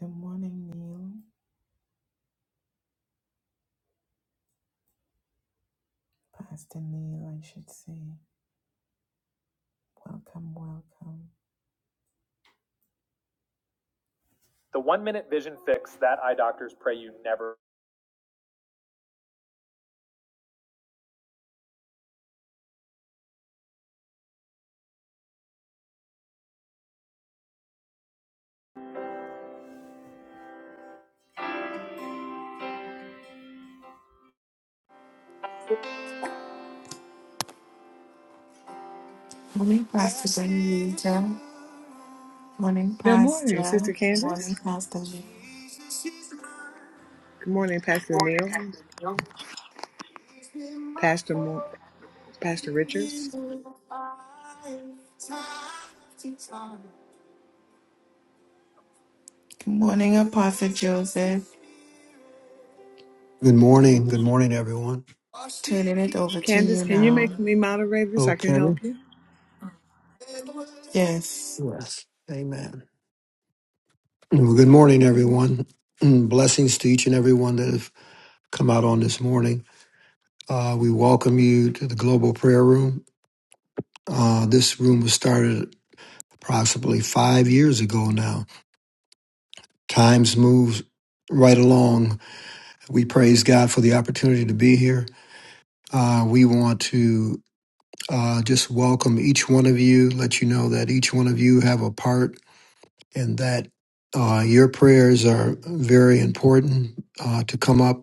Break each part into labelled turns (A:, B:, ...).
A: Good morning, Neil. Pastor Neil, I should say. Welcome, welcome. The one minute vision fix that eye doctors pray you never. Morning, Pastor Benita. Morning,
B: Good morning,
A: Pastor.
B: Sister Candace.
A: Morning, Pastor Lee.
B: Good morning, Pastor Neil, Pastor Mo- Pastor Richards.
A: Good morning, Apostle Joseph.
C: Good morning. Good morning, everyone.
A: Turning it over to
B: Candace,
A: you
B: can you
A: now.
B: make me moderator so I can
C: Okay.
B: help you?
A: Yes.
C: Yes. Amen. Well, good morning, everyone. Mm, Blessings to each and everyone that have come out on this morning. Uh, we welcome you to the Global Prayer Room. Uh, this room was started approximately five years ago now. Times moves right along. We praise God for the opportunity to be here. Uh, we want to uh, just welcome each one of you, let you know that each one of you have a part and that uh, your prayers are very important uh, to come up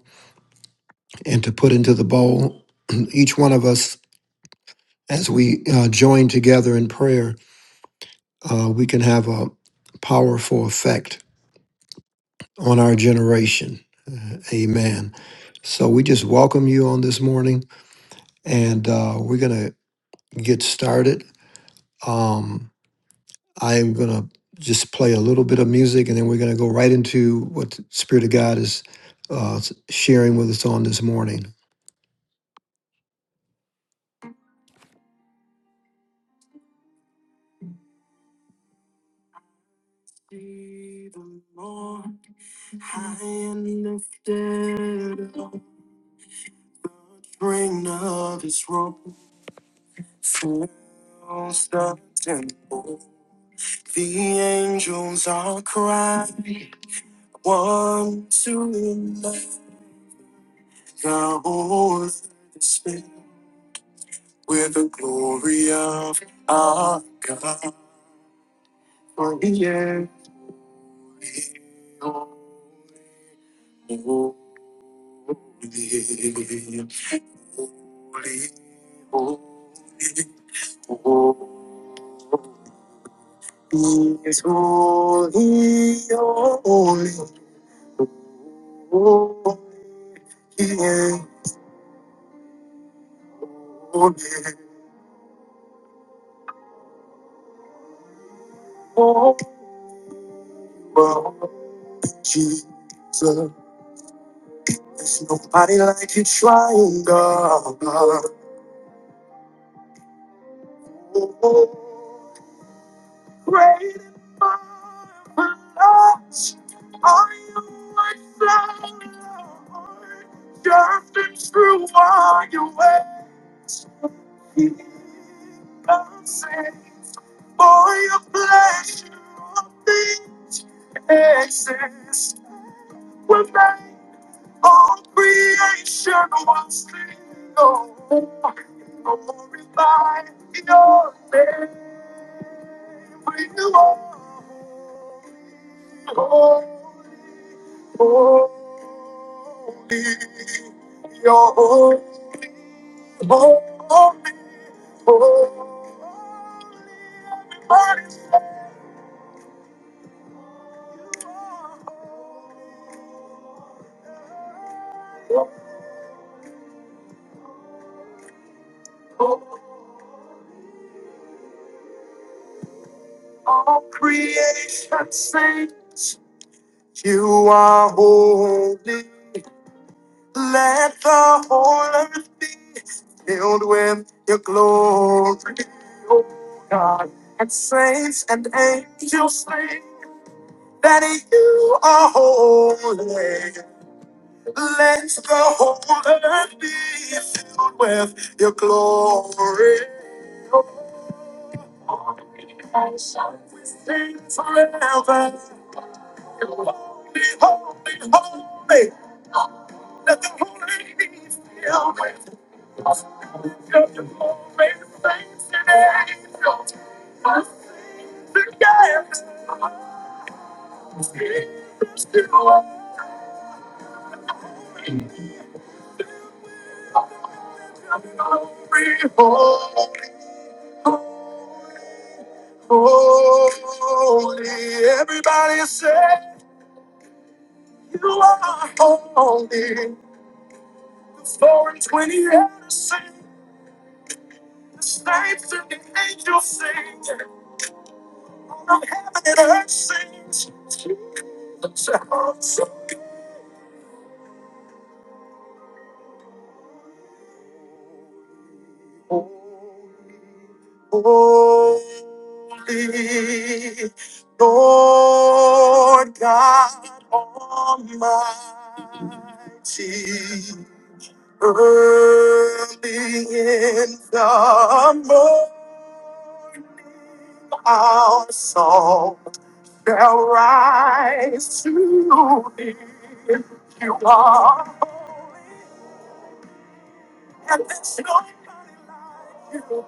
C: and to put into the bowl. Each one of us, as we uh, join together in prayer, uh, we can have a powerful effect on our generation. Uh, amen. So we just welcome you on this morning, and uh, we're going to get started. Um, I'm going to just play a little bit of music and then we're going to go right into what the Spirit of God is uh, s- sharing with us on this morning. See the Lord high and lifted up, Ring of his robe fills the temple. The angels are crying, one to another. The whole earth with the glory of our God. Oh yeah. Holy, holy, holy, holy is holy, holy, holy, yeah, holy, holy, Jesus. There's nobody like you, trying God. Oh, Great and marvelous are you, my Lord. Just and true are your ways. Consent for your pleasure of things exist. When they all creation was single, glorify your name. We are holy, holy, Holy, your holy, holy, holy, holy, all creation sings. You are holy. Let the whole earth be filled with your glory, O God. And saints and angels sing. that you are holy. Let the whole earth be filled with your glory. We sing forever. Holy, holy, holy. Let the whole earth be filled with your glory. Saints and angels, sing together. Jesus, you are. Holy, holy, everybody say you are holy. Four and twenty elders sing, the saints and the angels sing, from heaven and earth sings. Jesus, Holy, Lord God Almighty, early in the morning, our song shall rise to thee. You are holy, and there's nobody like you.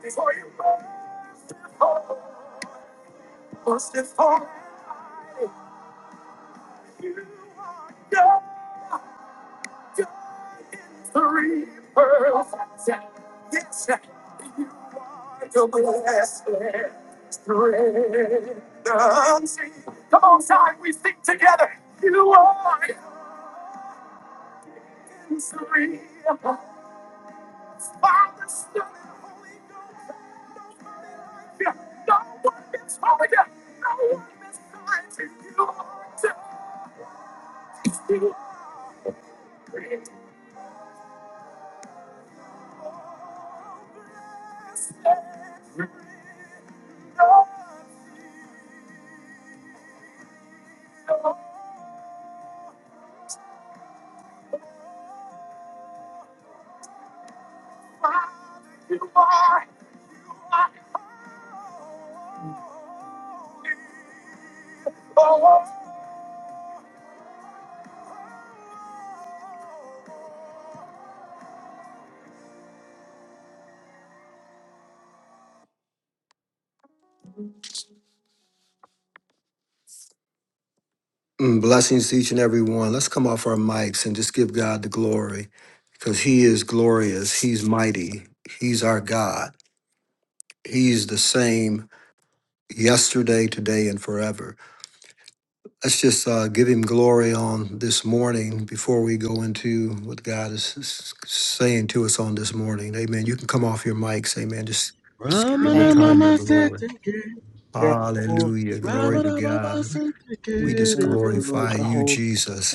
C: Before you were born, was before you are God, three pearls. Yes, you are the blessed strength. unseen. Come on, Zion, we sing together. You are in three. Father, Son, and Holy Ghost. Yeah. No one is holy. No one is kind. You are just you. Mm, Blessings to each and every one. Let's come off our mics and just give God the glory because He is glorious. He's mighty. He's our God. He's the same yesterday, today, and forever. Let's just uh, give him glory on this morning before we go into what God is s- saying to us on this morning. Amen. You can come off your mics. Amen. Just give the
D: Ramana
B: Thank you.
C: time of
D: mama
C: glory.
D: satake,
B: You're holy,
C: Hallelujah.
B: you're
C: Glory
B: Lord.
C: to
D: Ramana mama
C: God.
B: We
C: We just
D: satake,
B: praise you, Lord.
C: glorify
B: You're
C: you,
B: holy.
C: Jesus.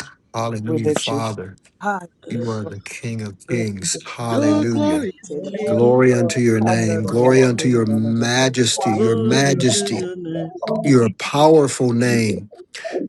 B: We
C: Hallelujah,
B: lift you high.
C: Father.
B: High.
C: You are the King of
E: Yes,
C: Kings.
E: Lord.
D: Your
C: Hallelujah.
D: glorious
B: Arabasitiri.
D: King,
C: Glory unto your name.
E: Hallelujah.
C: Glory unto your
B: Arararoshindarabba.
C: majesty, your
D: glory to
C: majesty,
D: your name.
E: Thank
C: your
E: you,
C: powerful name,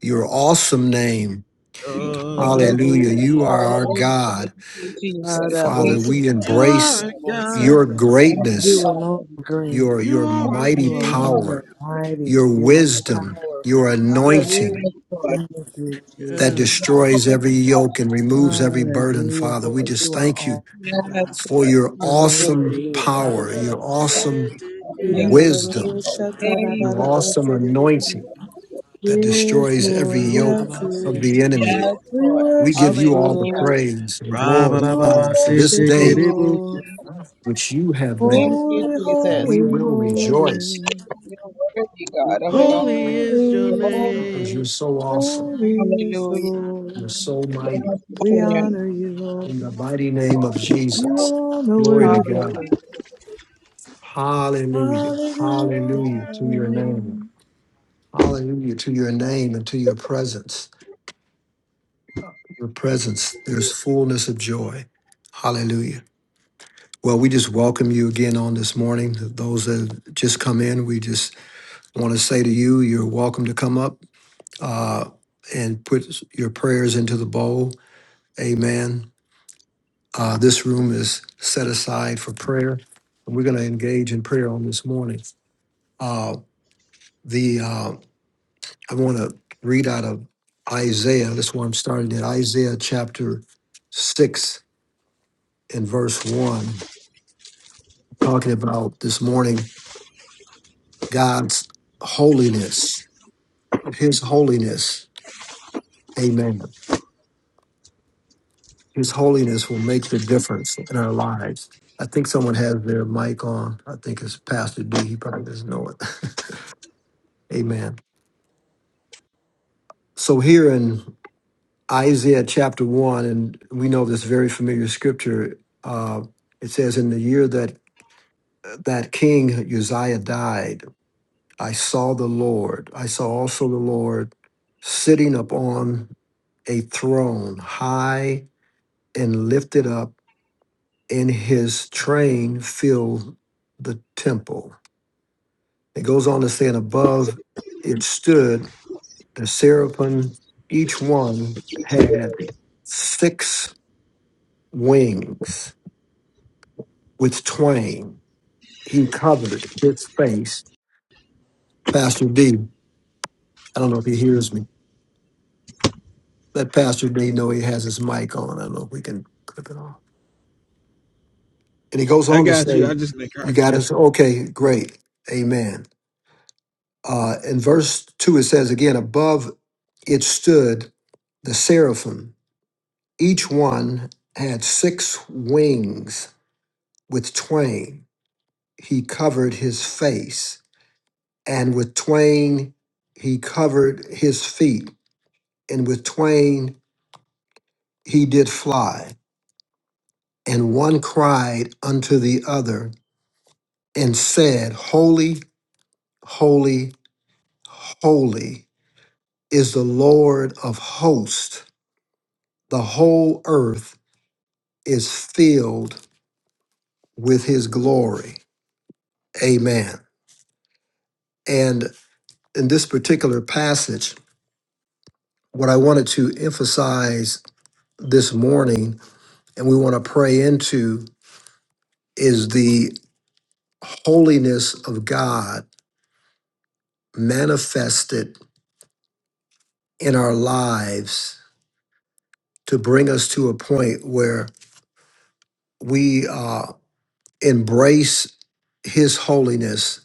C: your awesome name.
D: You're
E: Yes,
D: the
C: Hallelujah. You
D: Holy
C: are our
D: One.
C: God.
E: Thank you, Jesus.
C: Father, we
E: Lord.
D: You
C: embrace
D: are a God.
C: your
B: Araboshatarabosaya.
C: greatness,
B: You alone are great.
C: your, your
D: You are a
B: You
C: mighty
D: King.
B: alone are
C: power,
B: mighty.
C: your
B: You are
C: wisdom,
B: powerful.
C: your
B: Hallelujah.
C: anointing
E: Yes, Lord.
B: Thank you, Jesus.
C: that
D: Yes.
C: destroys every yoke and removes every burden,
B: Hallelujah,
C: Father. We
B: Lord.
C: just
B: You are
C: thank you
B: all oh God.
E: Yes,
C: for
E: Lord.
C: your
B: We live on
C: awesome
B: you.
C: power,
B: Hallelujah.
D: Ramana
C: your awesome
D: satake,
E: Thank you,
C: wisdom,
E: Thank
C: your
E: you,
C: awesome anointing
B: Hallelujah.
C: that
B: Yes,
C: destroys every
B: Lord.
D: Ramana
B: Yes,
C: yoke
D: mama
C: of
B: Lord.
C: the enemy.
D: satake,
E: Yes,
B: We
E: Lord.
C: We give
B: worship
C: you
B: you,
C: all the
E: Hallelujah.
B: Lord.
C: praise and glory
B: We
D: Ramana
C: and
D: mama
C: honor for this
B: worship you,
C: day
D: satake.
B: Lord.
C: which you have
E: Thank
C: made,
E: you,
B: Holy,
C: and
E: Jesus.
C: we
B: holy,
E: Thank
C: will
E: you, Lord.
C: rejoice
B: holy.
E: You're worthy, God, of it all.
D: Holy
C: because
D: is
E: Thank
D: your
E: you,
B: Holy,
E: Lord.
C: you're
D: name.
C: so awesome.
B: holy is the
E: Hallelujah.
C: You're
B: Lord.
C: so mighty.
B: We
E: Yes,
B: honor you, Lord.
C: In the mighty name of
B: You
C: Jesus,
E: Lord.
B: alone are
C: glory to
B: worthy.
C: God.
E: Hallelujah.
C: Hallelujah.
B: Hallelujah.
C: Hallelujah to your name. Hallelujah to your name and to your presence. Your presence, there's fullness of joy. Hallelujah. Well, we just welcome you again on this morning. Those that have just come in, we just want to say to you, you're welcome to come up. uh, and put your prayers into the bowl. Amen. Uh, this room is set aside for prayer, and we're going to engage in prayer on this morning. Uh, the uh, I want to read out of Isaiah. That's where I'm starting at Isaiah chapter six and verse one, talking about this morning God's holiness, His holiness. Amen. His holiness will make the difference in our lives. I think someone has their mic on. I think it's Pastor D. He probably doesn't know it. Amen. So here in Isaiah chapter one, and we know this very familiar scripture. Uh, it says, "In the year that that King Uzziah died, I saw the Lord. I saw also the Lord sitting upon a throne, high and lifted up." and his train filled the temple. It goes on to say, and above it stood the seraphim. Each one had six wings with twain. He covered his face. Pastor D, I don't know if he hears me. Let Pastor D know he has his mic on. I don't know if we can clip it off. And he goes
D: I
C: on to
D: got
C: say,
D: you. I just make her.
C: You got us? Okay, great. Amen. Uh, in verse 2, it says again, Above it stood the seraphim. Each one had six wings. With twain he covered his face, and with twain he covered his feet, and with twain he did fly. And one cried unto the other and said, Holy, holy, holy is the Lord of hosts. The whole earth is filled with his glory. Amen. And in this particular passage, what I wanted to emphasize this morning and we want to pray into is the holiness of God manifested in our lives to bring us to a point where we uh, embrace his holiness.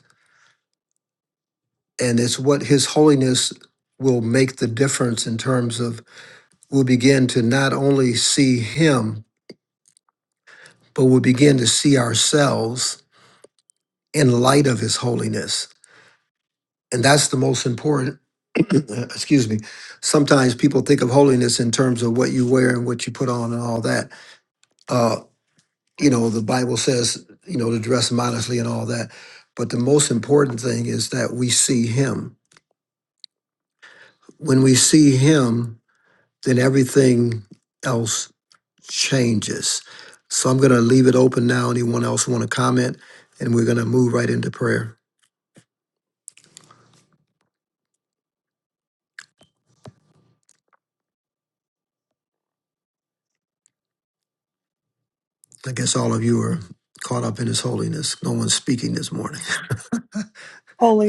C: And it's what his holiness will make the difference in terms of we'll begin to not only see Him, but we'll begin to see ourselves in light of His holiness. And that's the most important. Excuse me. Sometimes people think of holiness in terms of what you wear and what you put on and all that. Uh, you know, the Bible says, you know, to dress modestly and all that. But the most important thing is that we see Him. When we see Him, then everything else changes. So I'm going to leave it open now. Anyone else want to comment? And we're going to move right into prayer. I guess all of you are caught up in His holiness. No one's speaking this morning.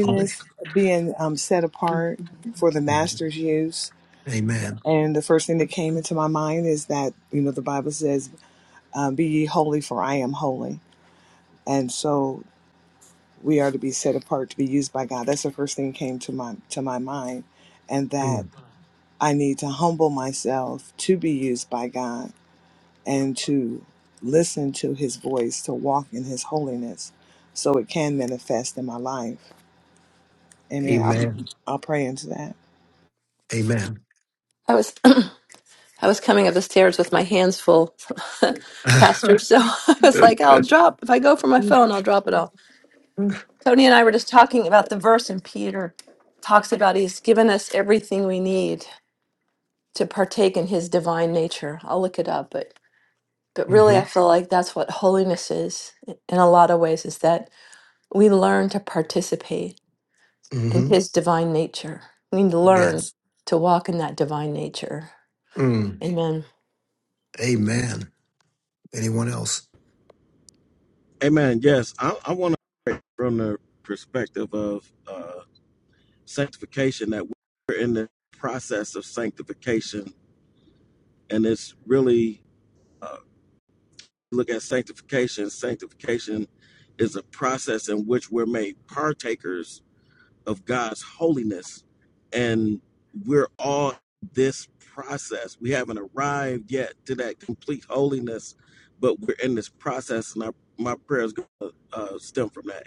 B: being um, set apart for the master's use.
C: Amen.
B: And the first thing that came into my mind is that, you know, the Bible says, um, Be ye holy, for I am holy. And so we are to be set apart to be used by God. That's the first thing that came to my, to my mind. And that I need to humble myself to be used by God and to listen to his voice, to walk in his holiness so it can manifest in my life. Amen. I'll,
C: Amen.
B: I'll pray into that.
C: Amen.
F: I was I was coming up the stairs with my hands full, Pastor.
C: hmm
F: So I was like, I'll drop if I go for my phone, I'll drop it all. Tony and I were just talking about the verse, and Peter talks about he's given us everything we need to partake in his divine nature. I'll look it up, but but really, I feel like that's what holiness is in a lot of ways. Is that we learn to participate in
C: hmm
F: his divine nature. We learn
C: Yes.
F: to walk in that divine nature.
C: Mm.
F: Amen.
C: Amen. Anyone else?
D: Amen. Yes, I, I want to from the perspective of uh, sanctification that we're in the process of sanctification, and it's really uh, look at sanctification. Sanctification is a process in which we're made partakers of God's holiness, and we're all this process. We haven't arrived yet to that complete holiness, but we're in this process, and our, my prayers uh, stem from that. area.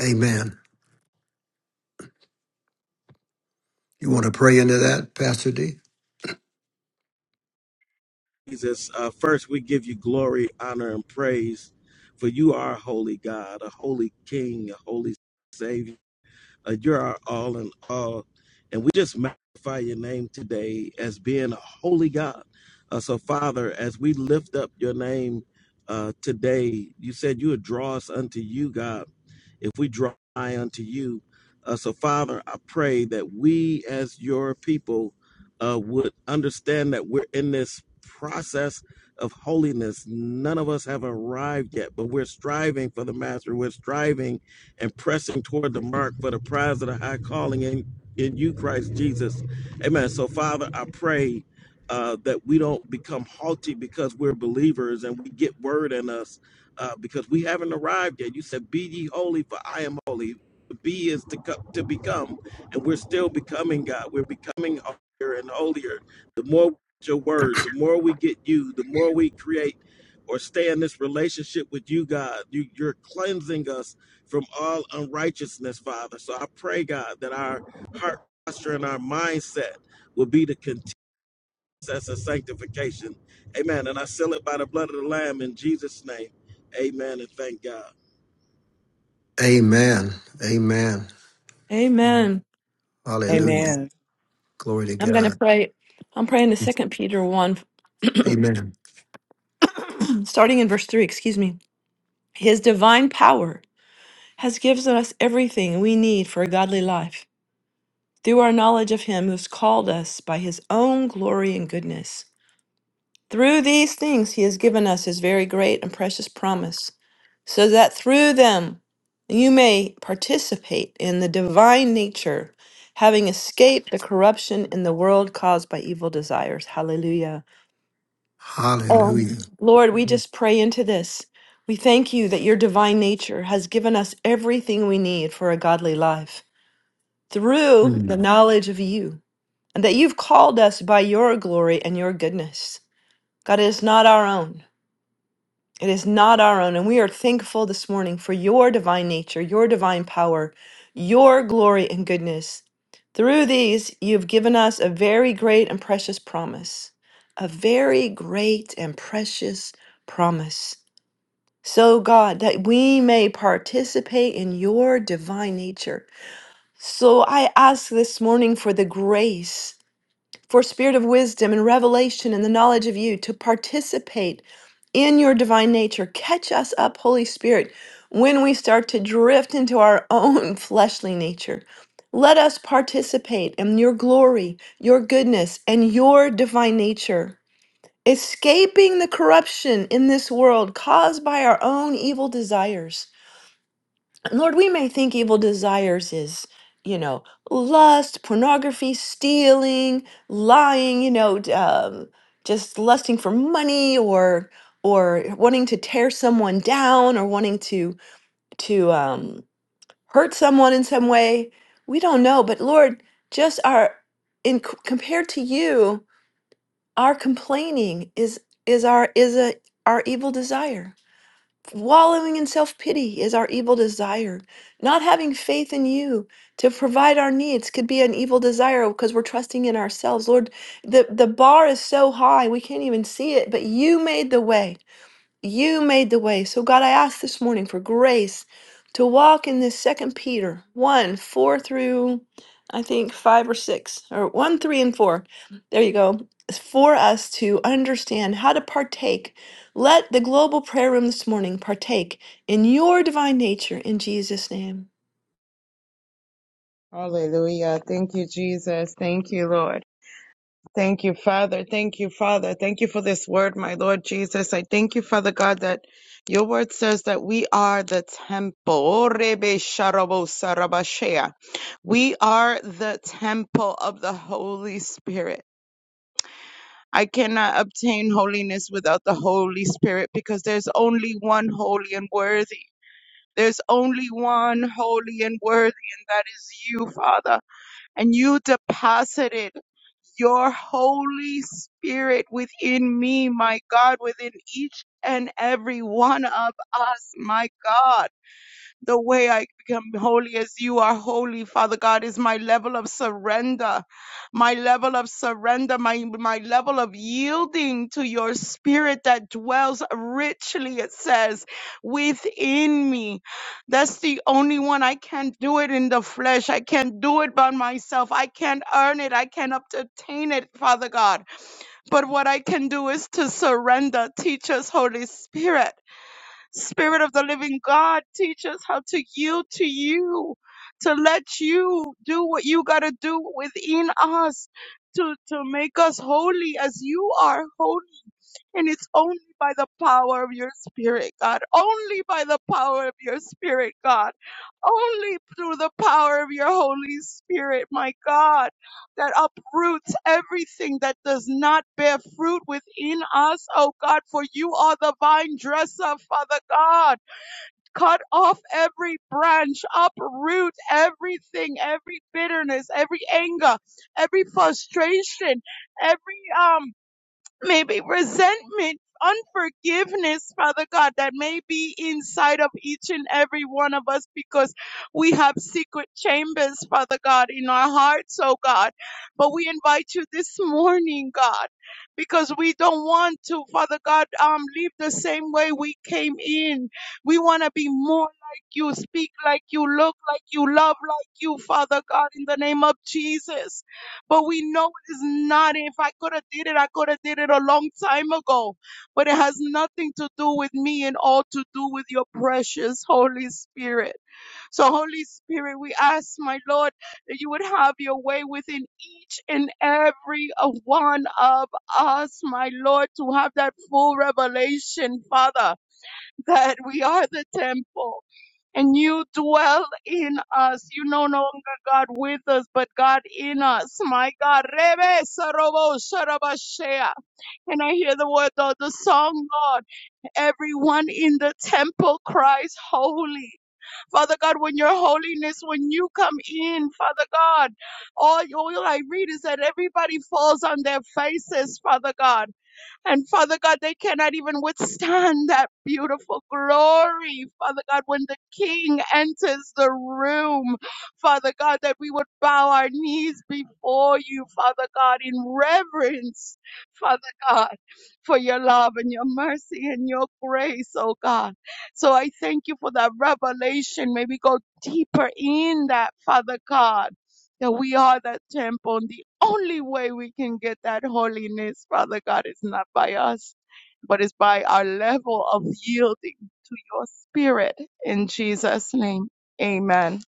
C: Amen. You want to pray into that, Pastor D?
D: Jesus, uh, first we give you glory, honor, and praise, for you are holy God, a holy King, a holy Savior. Uh, you're our all in all. And we just magnify your name today as being a holy God. Uh, so, Father, as we lift up your name uh, today, you said you would draw us unto you, God, if we draw nigh unto you. Uh, so, Father, I pray that we as your people uh, would understand that we're in this process of holiness. None of us have arrived yet, but we're striving for the master. We're striving and pressing toward the mark for the prize of the high calling in, in you, Christ Jesus. Amen. So, Father, I pray uh, that we don't become haughty because we're believers and we get word in us uh, because we haven't arrived yet. You said, Be ye holy, for I am holy. Be is to, co- to become, and we're still becoming, God. We're becoming holier and holier. The more we get your word, the more we get you, the more we create or stay in this relationship with you, God. You, you're cleansing us from all unrighteousness, Father. So I pray, God, that our heart posture and our mindset will be to continue process of sanctification. Amen. And I seal it by the blood of the Lamb in Jesus' name. Amen. And thank God.
C: Amen. Amen.
F: Amen.
C: Hallelujah.
B: Amen.
C: Glory to
F: I'm going to
C: God.
F: pray. I'm praying to Second Peter 1,
C: Amen.
F: starting in verse 3, excuse me. His divine power has given us everything we need for a godly life through our knowledge of him who's called us by his own glory and goodness. Through these things, he has given us his very great and precious promise, so that through them you may participate in the divine nature, having escaped the corruption in the world caused by evil desires. Hallelujah. Oh,
C: Hallelujah.
F: Lord, we just pray into this. We thank you that your divine nature has given us everything we need for a godly life through the knowledge of you, and that you've called us by your glory and your goodness. God, it is not our own. It is not our own. And we are thankful this morning for your divine nature, your divine power, your glory and goodness. Through these, you've given us a very great and precious promise, a very great and precious promise so, God, that we may participate in your divine nature. So, I ask this morning for the grace, for spirit of wisdom and revelation and the knowledge of you to participate in your divine nature. Catch us up, Holy Spirit, when we start to drift into our own fleshly nature. Let us participate in your glory, your goodness, and your divine nature escaping the corruption in this world caused by our own evil desires. Lord, we may think evil desires is, you know, lust, pornography, stealing, lying, you know, d- um, just lusting for money or or wanting to tear someone down or wanting to to um, hurt someone in some way. We don't know, but Lord, just our in c- compared to you, our complaining is is our is a our evil desire. Wallowing in self-pity is our evil desire. Not having faith in you to provide our needs could be an evil desire because we're trusting in ourselves. Lord, the, the bar is so high we can't even see it, but you made the way. You made the way. So, God, I ask this morning for grace to walk in this second Peter 1 4 through I think 5 or 6, or 1, 3, and 4. There you go. For us to understand how to partake. Let the global prayer room this morning partake in your divine nature in Jesus' name.
E: Hallelujah. Thank you, Jesus. Thank you, Lord. Thank you, Father. Thank you, Father. Thank you for this word, my Lord Jesus. I thank you, Father God, that your word says that we are the temple. Orebe sharabo sarabashea. We are the temple of the Holy Spirit. I cannot obtain holiness without the Holy Spirit because there's only one holy and worthy. There's only one holy and worthy, and that is you, Father. And you deposited your Holy Spirit within me, my God, within each and every one of us, my God the way I become holy as you are holy, Father God, is my level of surrender, my level of surrender, my, my level of yielding to your spirit that dwells richly, it says, within me. That's the only one. I can't do it in the flesh. I can't do it by myself. I can't earn it. I can't obtain it, Father God. But what I can do is to surrender. Teach us, Holy Spirit. Spirit of the living God, teach us how to yield to you, to let you do what you got to do within us to, to make us holy as you are holy. And it's only by the power of your spirit, God. Only by the power of your spirit, God. Only through the power of your Holy Spirit, my God, that uproots everything that does not bear fruit within us, oh God, for you are the vine dresser, Father God. Cut off every branch, uproot everything, every bitterness, every anger, every frustration, every, um, maybe resentment, unforgiveness, Father God, that may be inside of each and every one of us because we have secret chambers, Father God, in our hearts, oh God. But we invite you this morning, God, because we don't want to, Father God, um, leave the same way we came in. We want to be more like you, speak like you, look like you, love like you, Father God, in the name of Jesus. But we know it is not. If I could have did it, I could have did it a long time ago. But it has nothing to do with me and all to do with your precious Holy Spirit. So Holy Spirit, we ask my Lord that you would have your way within each and every uh, one of us, my Lord, to have that full revelation, Father, that we are the temple and you dwell in us. You no longer God with us, but God in us. My God. Rebe sarobo sarabashea. And I hear the word of the song, God. Everyone in the temple cries holy. Father God, when your holiness, when you come in, Father God, all, all I read is that everybody falls on their faces, Father God. And Father God, they cannot even withstand that beautiful glory. Father God, when the King enters the room, Father God, that we would bow our knees before you, Father God, in reverence, Father God, for your love and your mercy and your grace, oh God. So I thank you for that revelation. May we go deeper in that, Father God that we are that temple. And the only way we can get that holiness, Father God, is not by us, but is by our level of yielding to your spirit. In Jesus' name, amen.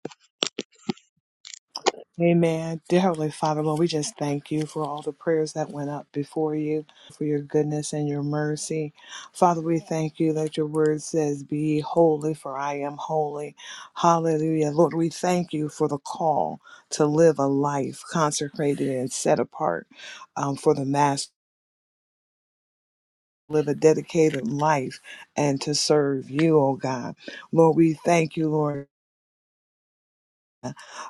B: Amen. Dear Heavenly Father, Lord, we just thank you for all the prayers that went up before you, for your goodness and your mercy. Father, we thank you that your word says, Be ye holy, for I am holy. Hallelujah. Lord, we thank you for the call to live a life consecrated and set apart um, for the Master. Live a dedicated life and to serve you, oh God. Lord, we thank you, Lord.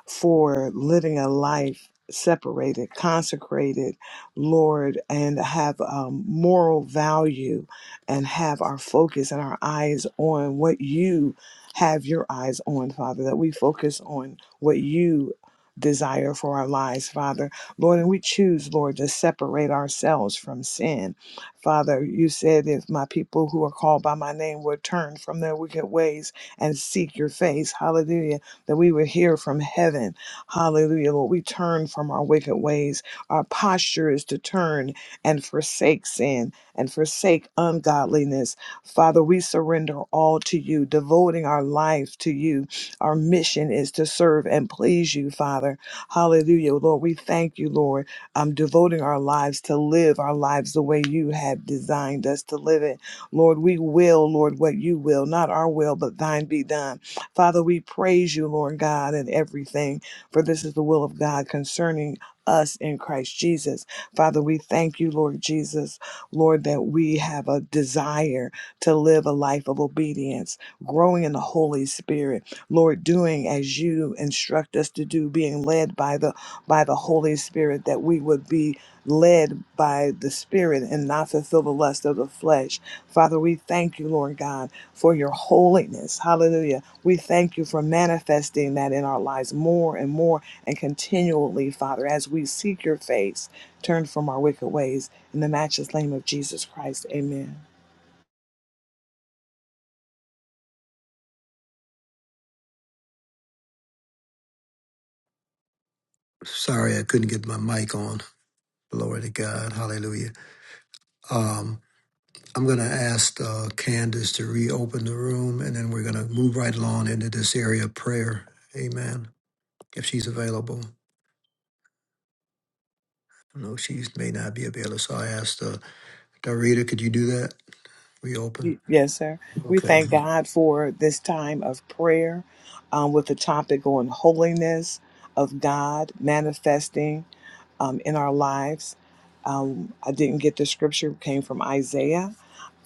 B: for living a life separated, consecrated, Lord, and have um, moral value and have our focus and our eyes on what you have your eyes on, Father, that we focus on what you desire for our lives, Father. Lord, and we choose, Lord, to separate ourselves from sin. Father, you said if my people who are called by my name would turn from their wicked ways and seek your face, hallelujah that we would hear from heaven. Hallelujah, Lord. We turn from our wicked ways. Our posture is to turn and forsake sin and forsake ungodliness. Father, we surrender all to you, devoting our life to you. Our mission is to serve and please you, Father. Hallelujah, Lord. We thank you, Lord. I'm devoting our lives to live our lives the way you have designed us to live it. Lord, we will, Lord, what you will, not our will, but thine be done. Father, we praise you, Lord God, in everything, for this is the will of God concerning us in Christ Jesus. Father, we thank you, Lord Jesus, Lord, that we have a desire to live a life of obedience, growing in the Holy Spirit, Lord, doing as you instruct us to do, being led by the by the Holy Spirit, that we would be led by the Spirit and not fulfill the lust of the flesh. Father, we thank you, Lord God, for your holiness. Hallelujah we thank you for manifesting that in our lives more and more and continually, Father, as we seek your face, turn from our wicked ways. In the matchless name of Jesus Christ, amen.
C: Sorry, I couldn't get my mic on. Glory to God. Hallelujah. Um, I'm going to ask uh, Candace to reopen the room, and then we're going to move right along into this area of prayer. Amen. If she's available. I know she may not be available, so I asked uh, Darita, could you do that? Reopen.
B: Yes, sir. We
C: Okay.
B: thank God for this time of prayer um, with the topic on holiness of God manifesting um, in our lives. Um, I didn't get the scripture, it came from Isaiah.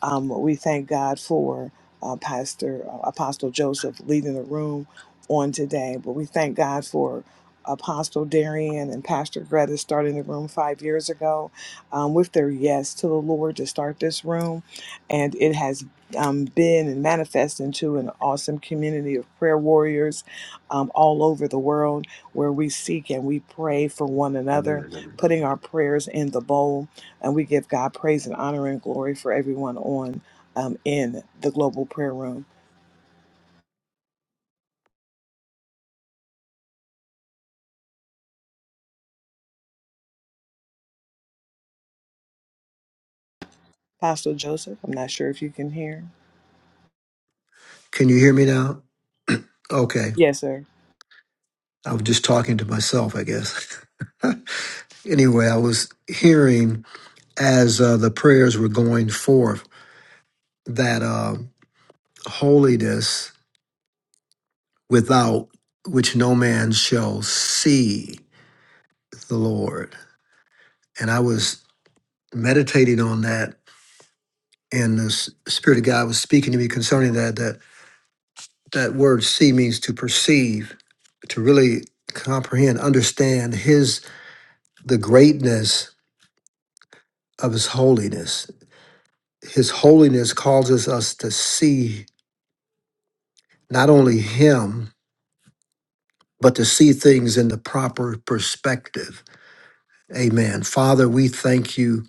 B: Um, we thank God for uh, Pastor uh, Apostle Joseph leading the room on today. But we thank God for Apostle Darian and Pastor Greta starting the room five years ago um, with their yes to the Lord to start this room and it has um, been and manifest into an awesome community of prayer warriors um, all over the world where we seek and we pray for one another, putting our prayers in the bowl. And we give God praise and honor and glory for everyone on um, in the global prayer room. Pastor Joseph, I'm not sure if you can hear.
C: Can you hear me now? Okay.
B: Yes, sir.
C: I was just talking to myself, I guess. anyway, I was hearing as uh, the prayers were going forth that uh, holiness without which no man shall see the Lord. And I was meditating on that, and the S- Spirit of God was speaking to me concerning that. That that word "see" means to perceive, to really comprehend, understand His the greatness of His holiness. His holiness causes us to see not only Him, but to see things in the proper perspective. Amen. Father, we thank you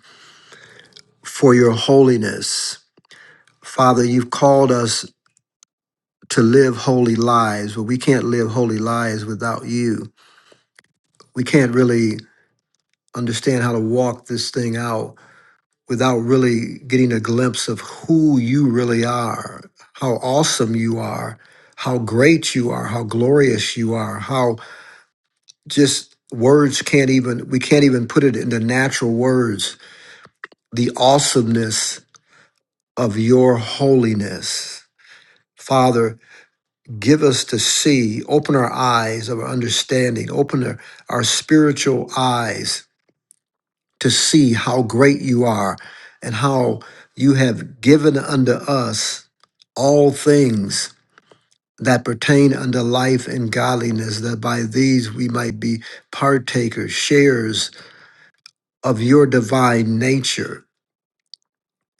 C: for your holiness. Father, you've called us to live holy lives, but we can't live holy lives without you. We can't really understand how to walk this thing out without really getting a glimpse of who you really are, how awesome you are, how great you are, how glorious you are, how just words can't even, we can't even put it into natural words, the awesomeness of your holiness. Father, Give us to see, open our eyes of our understanding, open our, our spiritual eyes to see how great you are and how you have given unto us all things that pertain unto life and godliness, that by these we might be partakers, sharers of your divine nature.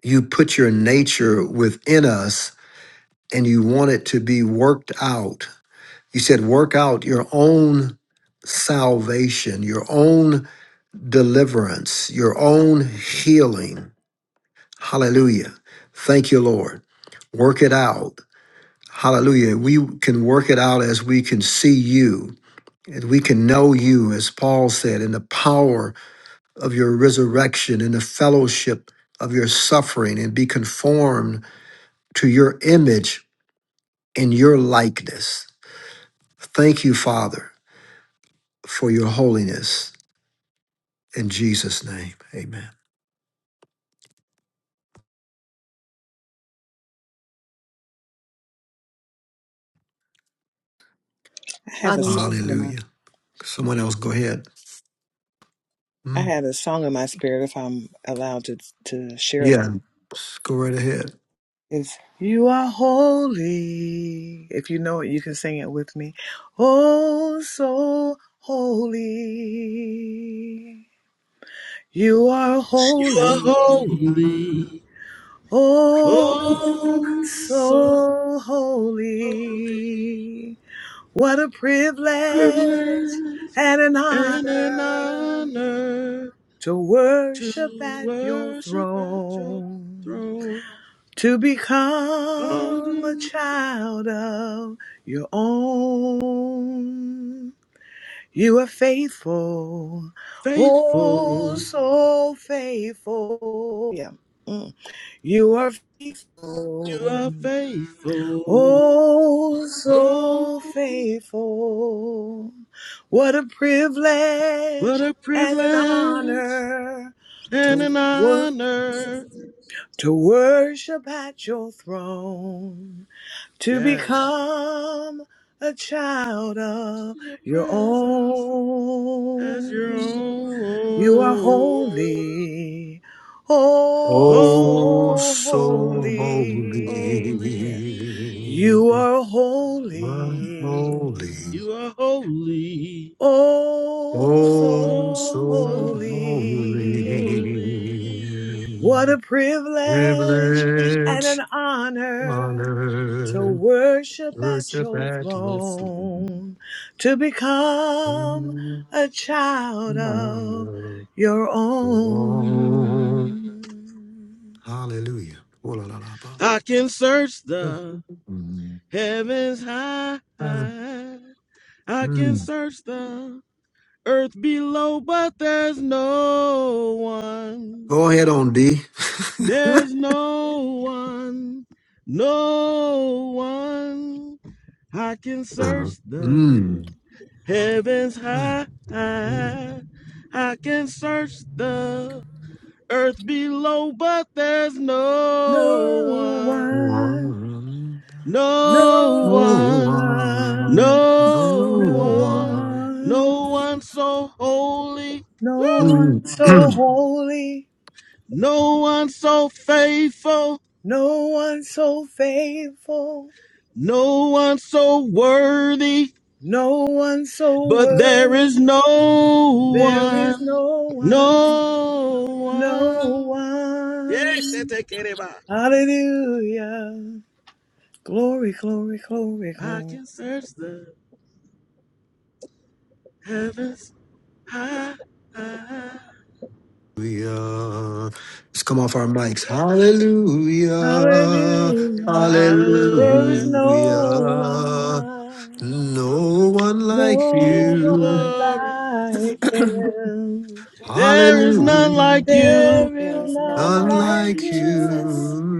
C: You put your nature within us and you want it to be worked out He said, work out your own salvation, your own deliverance, your own healing. Hallelujah. Thank you, Lord. Work it out. Hallelujah. We can work it out as we can see you, and we can know you, as Paul said, in the power of your resurrection, in the fellowship of your suffering, and be conformed to your image and your likeness. Thank you, Father, for your holiness. In Jesus' name, amen.
B: I have a
F: Hallelujah.
B: song in my
C: Hallelujah. Someone else, go ahead.
B: I
C: Mm.
B: had a song in my spirit if I'm allowed to to share that.
C: Yeah, go right ahead.
B: It's you are holy. If you know it, you can sing it with me. Oh, so holy. You are
D: You are
B: holy.
D: holy.
B: Oh,
D: Oh, so
B: so
D: holy.
B: holy. What a privilege
D: Privilege
B: and an
D: and an
B: honor
D: honor
B: to worship
D: to
B: at your
D: worship at your
B: throne.
D: throne.
B: to
D: Called
B: become a
D: and
B: child of your own. You are faithful, oh,
D: faithful
B: so faithful. Yeah. Mm. You are
D: You
B: faithful,
D: are faithful.
B: oh, so
D: Oh,
B: faithful. What a
D: what
B: privilege
D: a
B: and an
D: privilege
B: honor
D: and
B: to
D: an
B: work,
D: honor.
B: to worship at your throne. to
D: Yes,
B: become a child of
D: your
B: your
D: presence as
B: own.
D: your
B: You are
D: own.
B: holy, oh
C: Oh,
D: Oh,
B: so
D: so
C: so holy,
B: holy.
D: holy.
B: You are holy,
C: holy.
D: You are holy.
B: oh
C: Oh,
B: so
D: Oh,
C: so
D: so
C: holy,
B: holy.
D: holy.
B: What a privilege and
C: privilege,
B: an honor to
C: honor,
B: worship at
C: worship
B: your
C: at your feet.
B: throne, to become a child of
C: Honor,
B: your
C: belong.
B: own.
C: Hallelujah. Oh, la, la, la, ba.
D: I can search the
C: Mm.
D: heavens high.
C: Uh,
D: I can
C: mm.
D: search the Earth below, but there's no one.
C: Go ahead on D.
D: There's no one. No one. I can
C: Uh,
D: search the
C: mm.
D: heavens
C: Uh,
D: high.
C: mm.
D: I can search the earth below, but there's no
B: No
D: one.
B: one,
D: No
B: no
C: Oh,
D: one.
B: one,
C: uh,
D: No
B: no
C: oh,
D: one.
C: uh.
B: one,
D: No one so holy.
B: no
D: Woo!
B: one
C: Mm.
B: so holy,
D: No one so faithful,
B: no one so faithful.
D: no one so worthy,
B: No one so
D: but there
B: worth.
D: is no
B: There is
D: one,
B: no one,
D: no
B: no
D: one. Yes, that's
B: one.
D: a kereba.
B: Hallelujah. Glory, glory, glory,
D: I
B: glory.
D: can search the heavens high, high.
C: Hallelujah. Let's come off our mics. Hallelujah.
B: Hallelujah. There is
D: Hallelujah,
B: no
C: Hallelujah.
B: one,
C: No one like
D: give
B: no
D: you
C: you.
B: one
D: glory.
B: like him.
A: There is
D: There
A: no
D: is
A: one.
D: none
C: Hallelujah.
D: like you.
B: There
A: There
B: is
F: Oh,
A: is no
B: none
C: None
A: one like
B: like
A: you,
C: like
A: Jesus.
B: you,
C: you,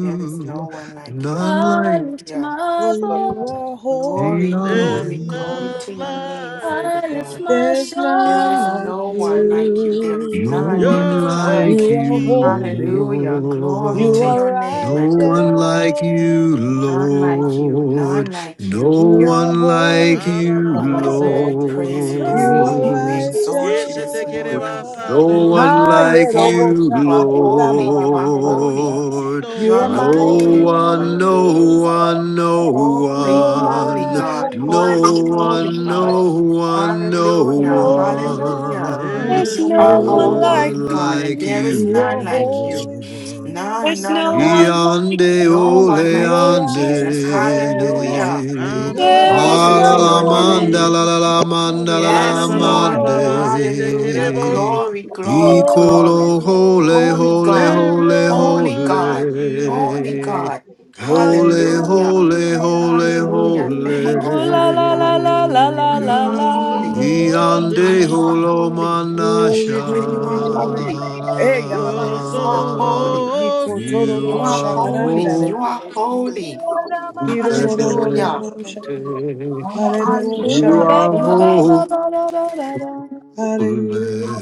A: There is no one like you.
C: none
F: I
C: like
F: lift
A: Hallelujah.
F: my
B: for
E: Yes, Lord.
B: you
F: voice,
B: are
C: the
A: Glory,
D: There's
A: glory,
C: omnipotent.
B: holy.
A: glory
D: none
A: to your name,
D: like
A: Father
F: I
D: you.
F: lift
A: God.
F: my
B: There's
A: There
B: none
A: is
F: song
B: like
A: no
F: to
A: one like you. There is
C: No
B: you.
A: none. There
C: one
A: is
D: You're
A: none.
C: like
D: holy
B: You are
C: you,
D: King.
B: holy.
A: Hallelujah. Glory
B: You
A: to
C: Lord.
B: are
A: your name,
C: No
A: my
B: righteous.
C: one
A: God.
C: like
F: you.
C: you,
A: None like you. None
C: Lord.
A: like
C: No
A: you.
B: You are
C: one like
B: holy.
C: you,
A: Oh, my God. We praise you
D: Rabanamaseteke,
A: this
B: You are
A: morning. We
C: Lord.
B: righteous.
A: exalt you this morning
C: No
D: Yeshetekerevasado.
A: because
C: one
A: you
B: Ah,
A: are
B: yeah,
C: like
A: holy.
C: you,
A: You
B: Robosha.
A: are
B: Da,
A: holy.
B: ba, ba,
A: You
B: ba,
A: are holy.
B: Robosha.
C: Lord.
D: No
A: You
B: You are
A: are a
D: one,
C: No
D: no
A: holy
D: one,
B: mighty.
A: Lord.
C: one,
D: no
C: no
D: one.
C: one, no
B: You
A: Holy,
B: are
A: holy
C: one.
A: God,
B: mighty.
C: No
A: holy, holy
C: one,
A: God.
C: no one, no
B: No
A: Hallelujah,
B: one
A: hallelujah.
C: one.
F: There's
B: like
D: There's
A: You
C: No
A: are
F: no
D: no
F: one
A: our
D: one.
A: holy
F: like
C: one
B: you.
A: God, and
C: like
A: there
F: you.
C: you,
A: is
B: You
A: none
B: are
A: like you.
C: Lord.
B: holy,
A: None,
F: There's
A: none,
F: no one
A: none.
F: like
C: Yande
F: you.
A: No one
C: ole
B: you
A: like you,
B: are
C: ande.
A: Jesus.
B: righteous,
A: Hallelujah.
F: There is
B: glory,
A: Glory
F: no
A: to
C: Halala
A: your
F: one,
D: Rananamaseteke,
C: manda
A: name.
B: glory,
C: la la la
F: no
C: manda
F: one
C: la
B: glory
C: la
F: like
C: la
A: Yes,
B: to you,
A: Lord.
B: Lord,
F: you.
A: Hallelujah.
C: mande.
D: Rananamababasetekereboso.
A: Glory, glory,
B: glory,
A: glory.
C: Ikolo hole
A: Holy
B: glory to
C: hole
A: God,
B: you,
D: There is
C: hole
D: no
B: Lord,
A: holy
D: one
C: hole.
A: God,
D: like you.
A: holy God.
B: hallelujah.
C: Hole
A: Hallelujah.
C: hole hole
A: Hallelujah. Thank you,
F: Oh la
A: Father
F: la
A: God.
F: la la la la
A: God,
C: hole.
A: you are
D: You're so
A: holy.
F: la
B: Mm.
A: God,
C: Yande
D: holy.
A: you are
F: la.
A: holy.
B: Glory,
A: God, you are
B: glory.
A: holy.
B: Hey,
D: You're
A: God,
B: Yababas,
A: you are
D: so
C: Holomanasha,
A: holy.
C: you
A: You
B: Nikotororo,
A: are
D: holy.
C: are
A: holy.
F: Jesus.
B: Shadaranda,
A: You are
F: Mm,
C: holy.
A: holy.
F: she
A: Hallelujah.
B: Hirororororosha,
F: felt
A: Oh,
C: You
F: Ula
A: hallelujah.
F: ba
C: are
A: You
F: ba
A: are
B: Harerorosha,
F: ba
C: holy.
A: holy.
F: ba ba da da da da.
B: Hallelujah.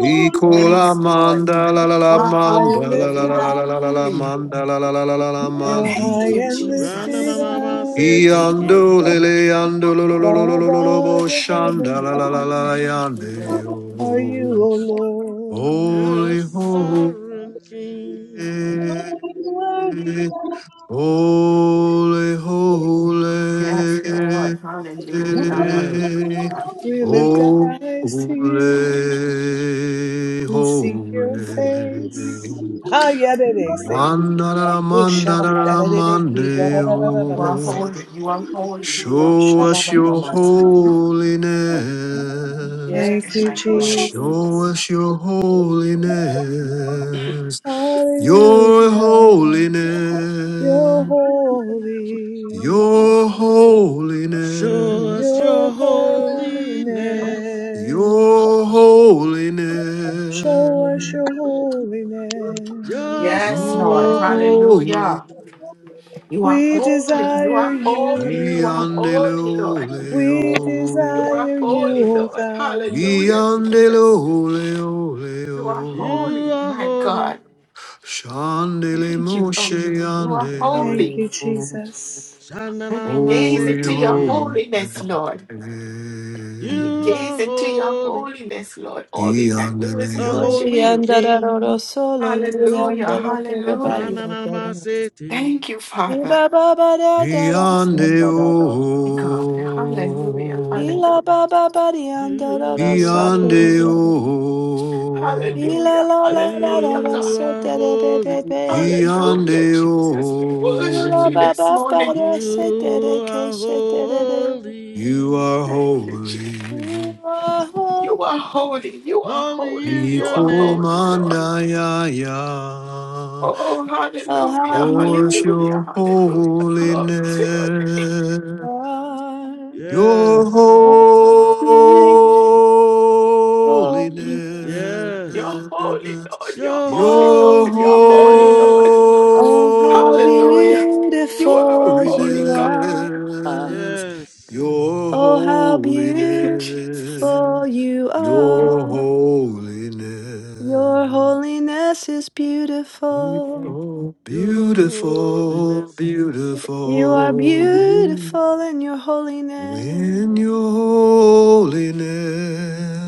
C: Ikola
A: Yes, Lord.
C: manda la la
A: You
C: la
B: You're
A: are
B: high
C: manda
B: and
A: holy.
C: la la
A: You
B: lifted
C: la la la
A: are
C: la
B: up.
C: la la
A: holy.
C: manda la la la la la la
B: You're high
A: Thank
C: manda.
A: you,
B: and lifted
A: Jesus.
B: up.
D: Rananamaseteke,
C: Yando lele yando lo lo lo lo lo
B: Far
C: lo lo lo
B: above
C: bo
B: the
A: Thank
C: shanda
B: heavens
A: you,
C: la la la
A: Lord.
C: la la
A: Thank you,
C: yande
A: Lord.
B: are you,
C: oh.
B: O Lord.
D: You're
C: Holy, holy,
D: sovereign king.
C: holy,
A: Yes, Lord. Hallelujah.
D: Yes.
A: Hallelujah.
B: We lift our eyes
C: holy,
B: to you.
C: holy,
B: We seek your
C: holy.
B: face. Ah, yeah, they they say.
C: Manda la la
B: Look,
C: manda la
B: Shabbat,
C: la
B: da
C: la
B: da da da ki, da
C: mande
B: da da da da da
A: You
B: bo,
A: are
B: say.
C: oh.
A: holy. You are holy. You are.
C: Show
B: Shabbat,
C: us
B: ma, ma,
C: your
B: ma, sa.
C: holiness.
B: Thank
A: Yes,
B: you,
A: my God.
C: Show
B: Jesus.
C: us your holiness. Your
B: Hallelujah. You're
C: holiness.
B: holy.
C: Your
D: Show
C: holiness.
D: us your
B: Your holiness,
D: holiness.
C: Your
B: show us
C: holiness.
B: your holiness.
D: You're
A: Yes,
D: so
A: Lord.
C: Your
D: holy.
A: Hallelujah.
C: holiness.
A: You are
B: We
A: holy. You are
B: desire
A: holy. You
B: you,
A: are
C: Yandele
A: holy, Lord.
B: we
A: You are
B: desire you,
A: holy,
C: oleo.
B: O
A: Lord.
B: God.
A: Hallelujah,
C: Yandele
A: Jesus.
C: ole ole
A: You are
C: o,
D: You
A: holy,
D: are
A: my God.
D: holy.
C: Shandele
A: Thank you,
C: Moshe
A: Lord. You are
C: yande
A: holy.
B: Thank you,
C: o,
B: Jesus.
A: And we gaze
C: Holy
A: into your
D: Shanalamasete.
C: Holy.
A: holiness, Lord. And we
D: You
A: gaze
D: are
A: into your
D: holy,
A: holiness, Lord. All we can do
C: Yandele
A: is
D: a
C: yam,
A: worship
D: holy
A: you.
F: Murianda da
D: king.
F: da da solo
A: Hallelujah.
F: murianda da da da ba
A: Hallelujah.
F: di da da da.
D: Rananamasete.
A: Thank you,
F: Di
A: Father.
F: ba ba ba da da da so
C: Yande
F: da da da.
A: God. Hallelujah.
C: o,
F: la
A: Hallelujah.
F: ba ba ba di anda da da
D: You are
F: so da da
C: Yande
D: holy.
C: o,
F: da. la
A: Hallelujah.
F: la la la da da
A: Hallelujah,
F: da
A: God.
D: You
F: so
D: are
F: da da be be
D: holy.
F: be.
C: Yande
A: Hallelujah,
C: o.
A: Jesus. We worship
F: Ula
A: you
F: ba
A: this
F: ba ba
A: morning.
F: da se da da
D: You
F: ke
D: are
F: se da da da.
D: holy.
C: You are
A: Thank you, Jesus.
C: holy.
F: Ooh,
A: You are
F: ah,
A: holy. You are
D: Holy
A: holy.
D: is
A: You
D: your
A: are
D: name.
A: holy, Lord.
C: Ikomanayaya,
A: Oh,
F: Oh, how
A: hallelujah.
C: Yours
F: beautiful
A: Hallelujah.
C: your
A: Hallelujah. Glory
C: holiness,
A: to your name.
F: you are.
C: your
D: Yes.
F: Oh, beautiful you are.
A: You're
D: Yes.
A: holy,
C: holiness,
A: Lord. You're
D: Your
A: holy, Lord.
C: your
A: You're holy, Lord.
D: holiness,
F: Oh, how
A: Hallelujah. You are a
F: beautiful
A: holy
F: you
A: God.
F: are.
C: holiness,
D: yes.
C: your
F: Oh, how
A: Thank you, Jesus.
F: beautiful
C: holiness,
F: you
C: your
F: are.
C: holiness.
F: Your holiness is beautiful.
C: Oh,
D: Your
C: beautiful,
D: holiness,
F: You are
C: beautiful.
F: beautiful in your holiness.
C: In your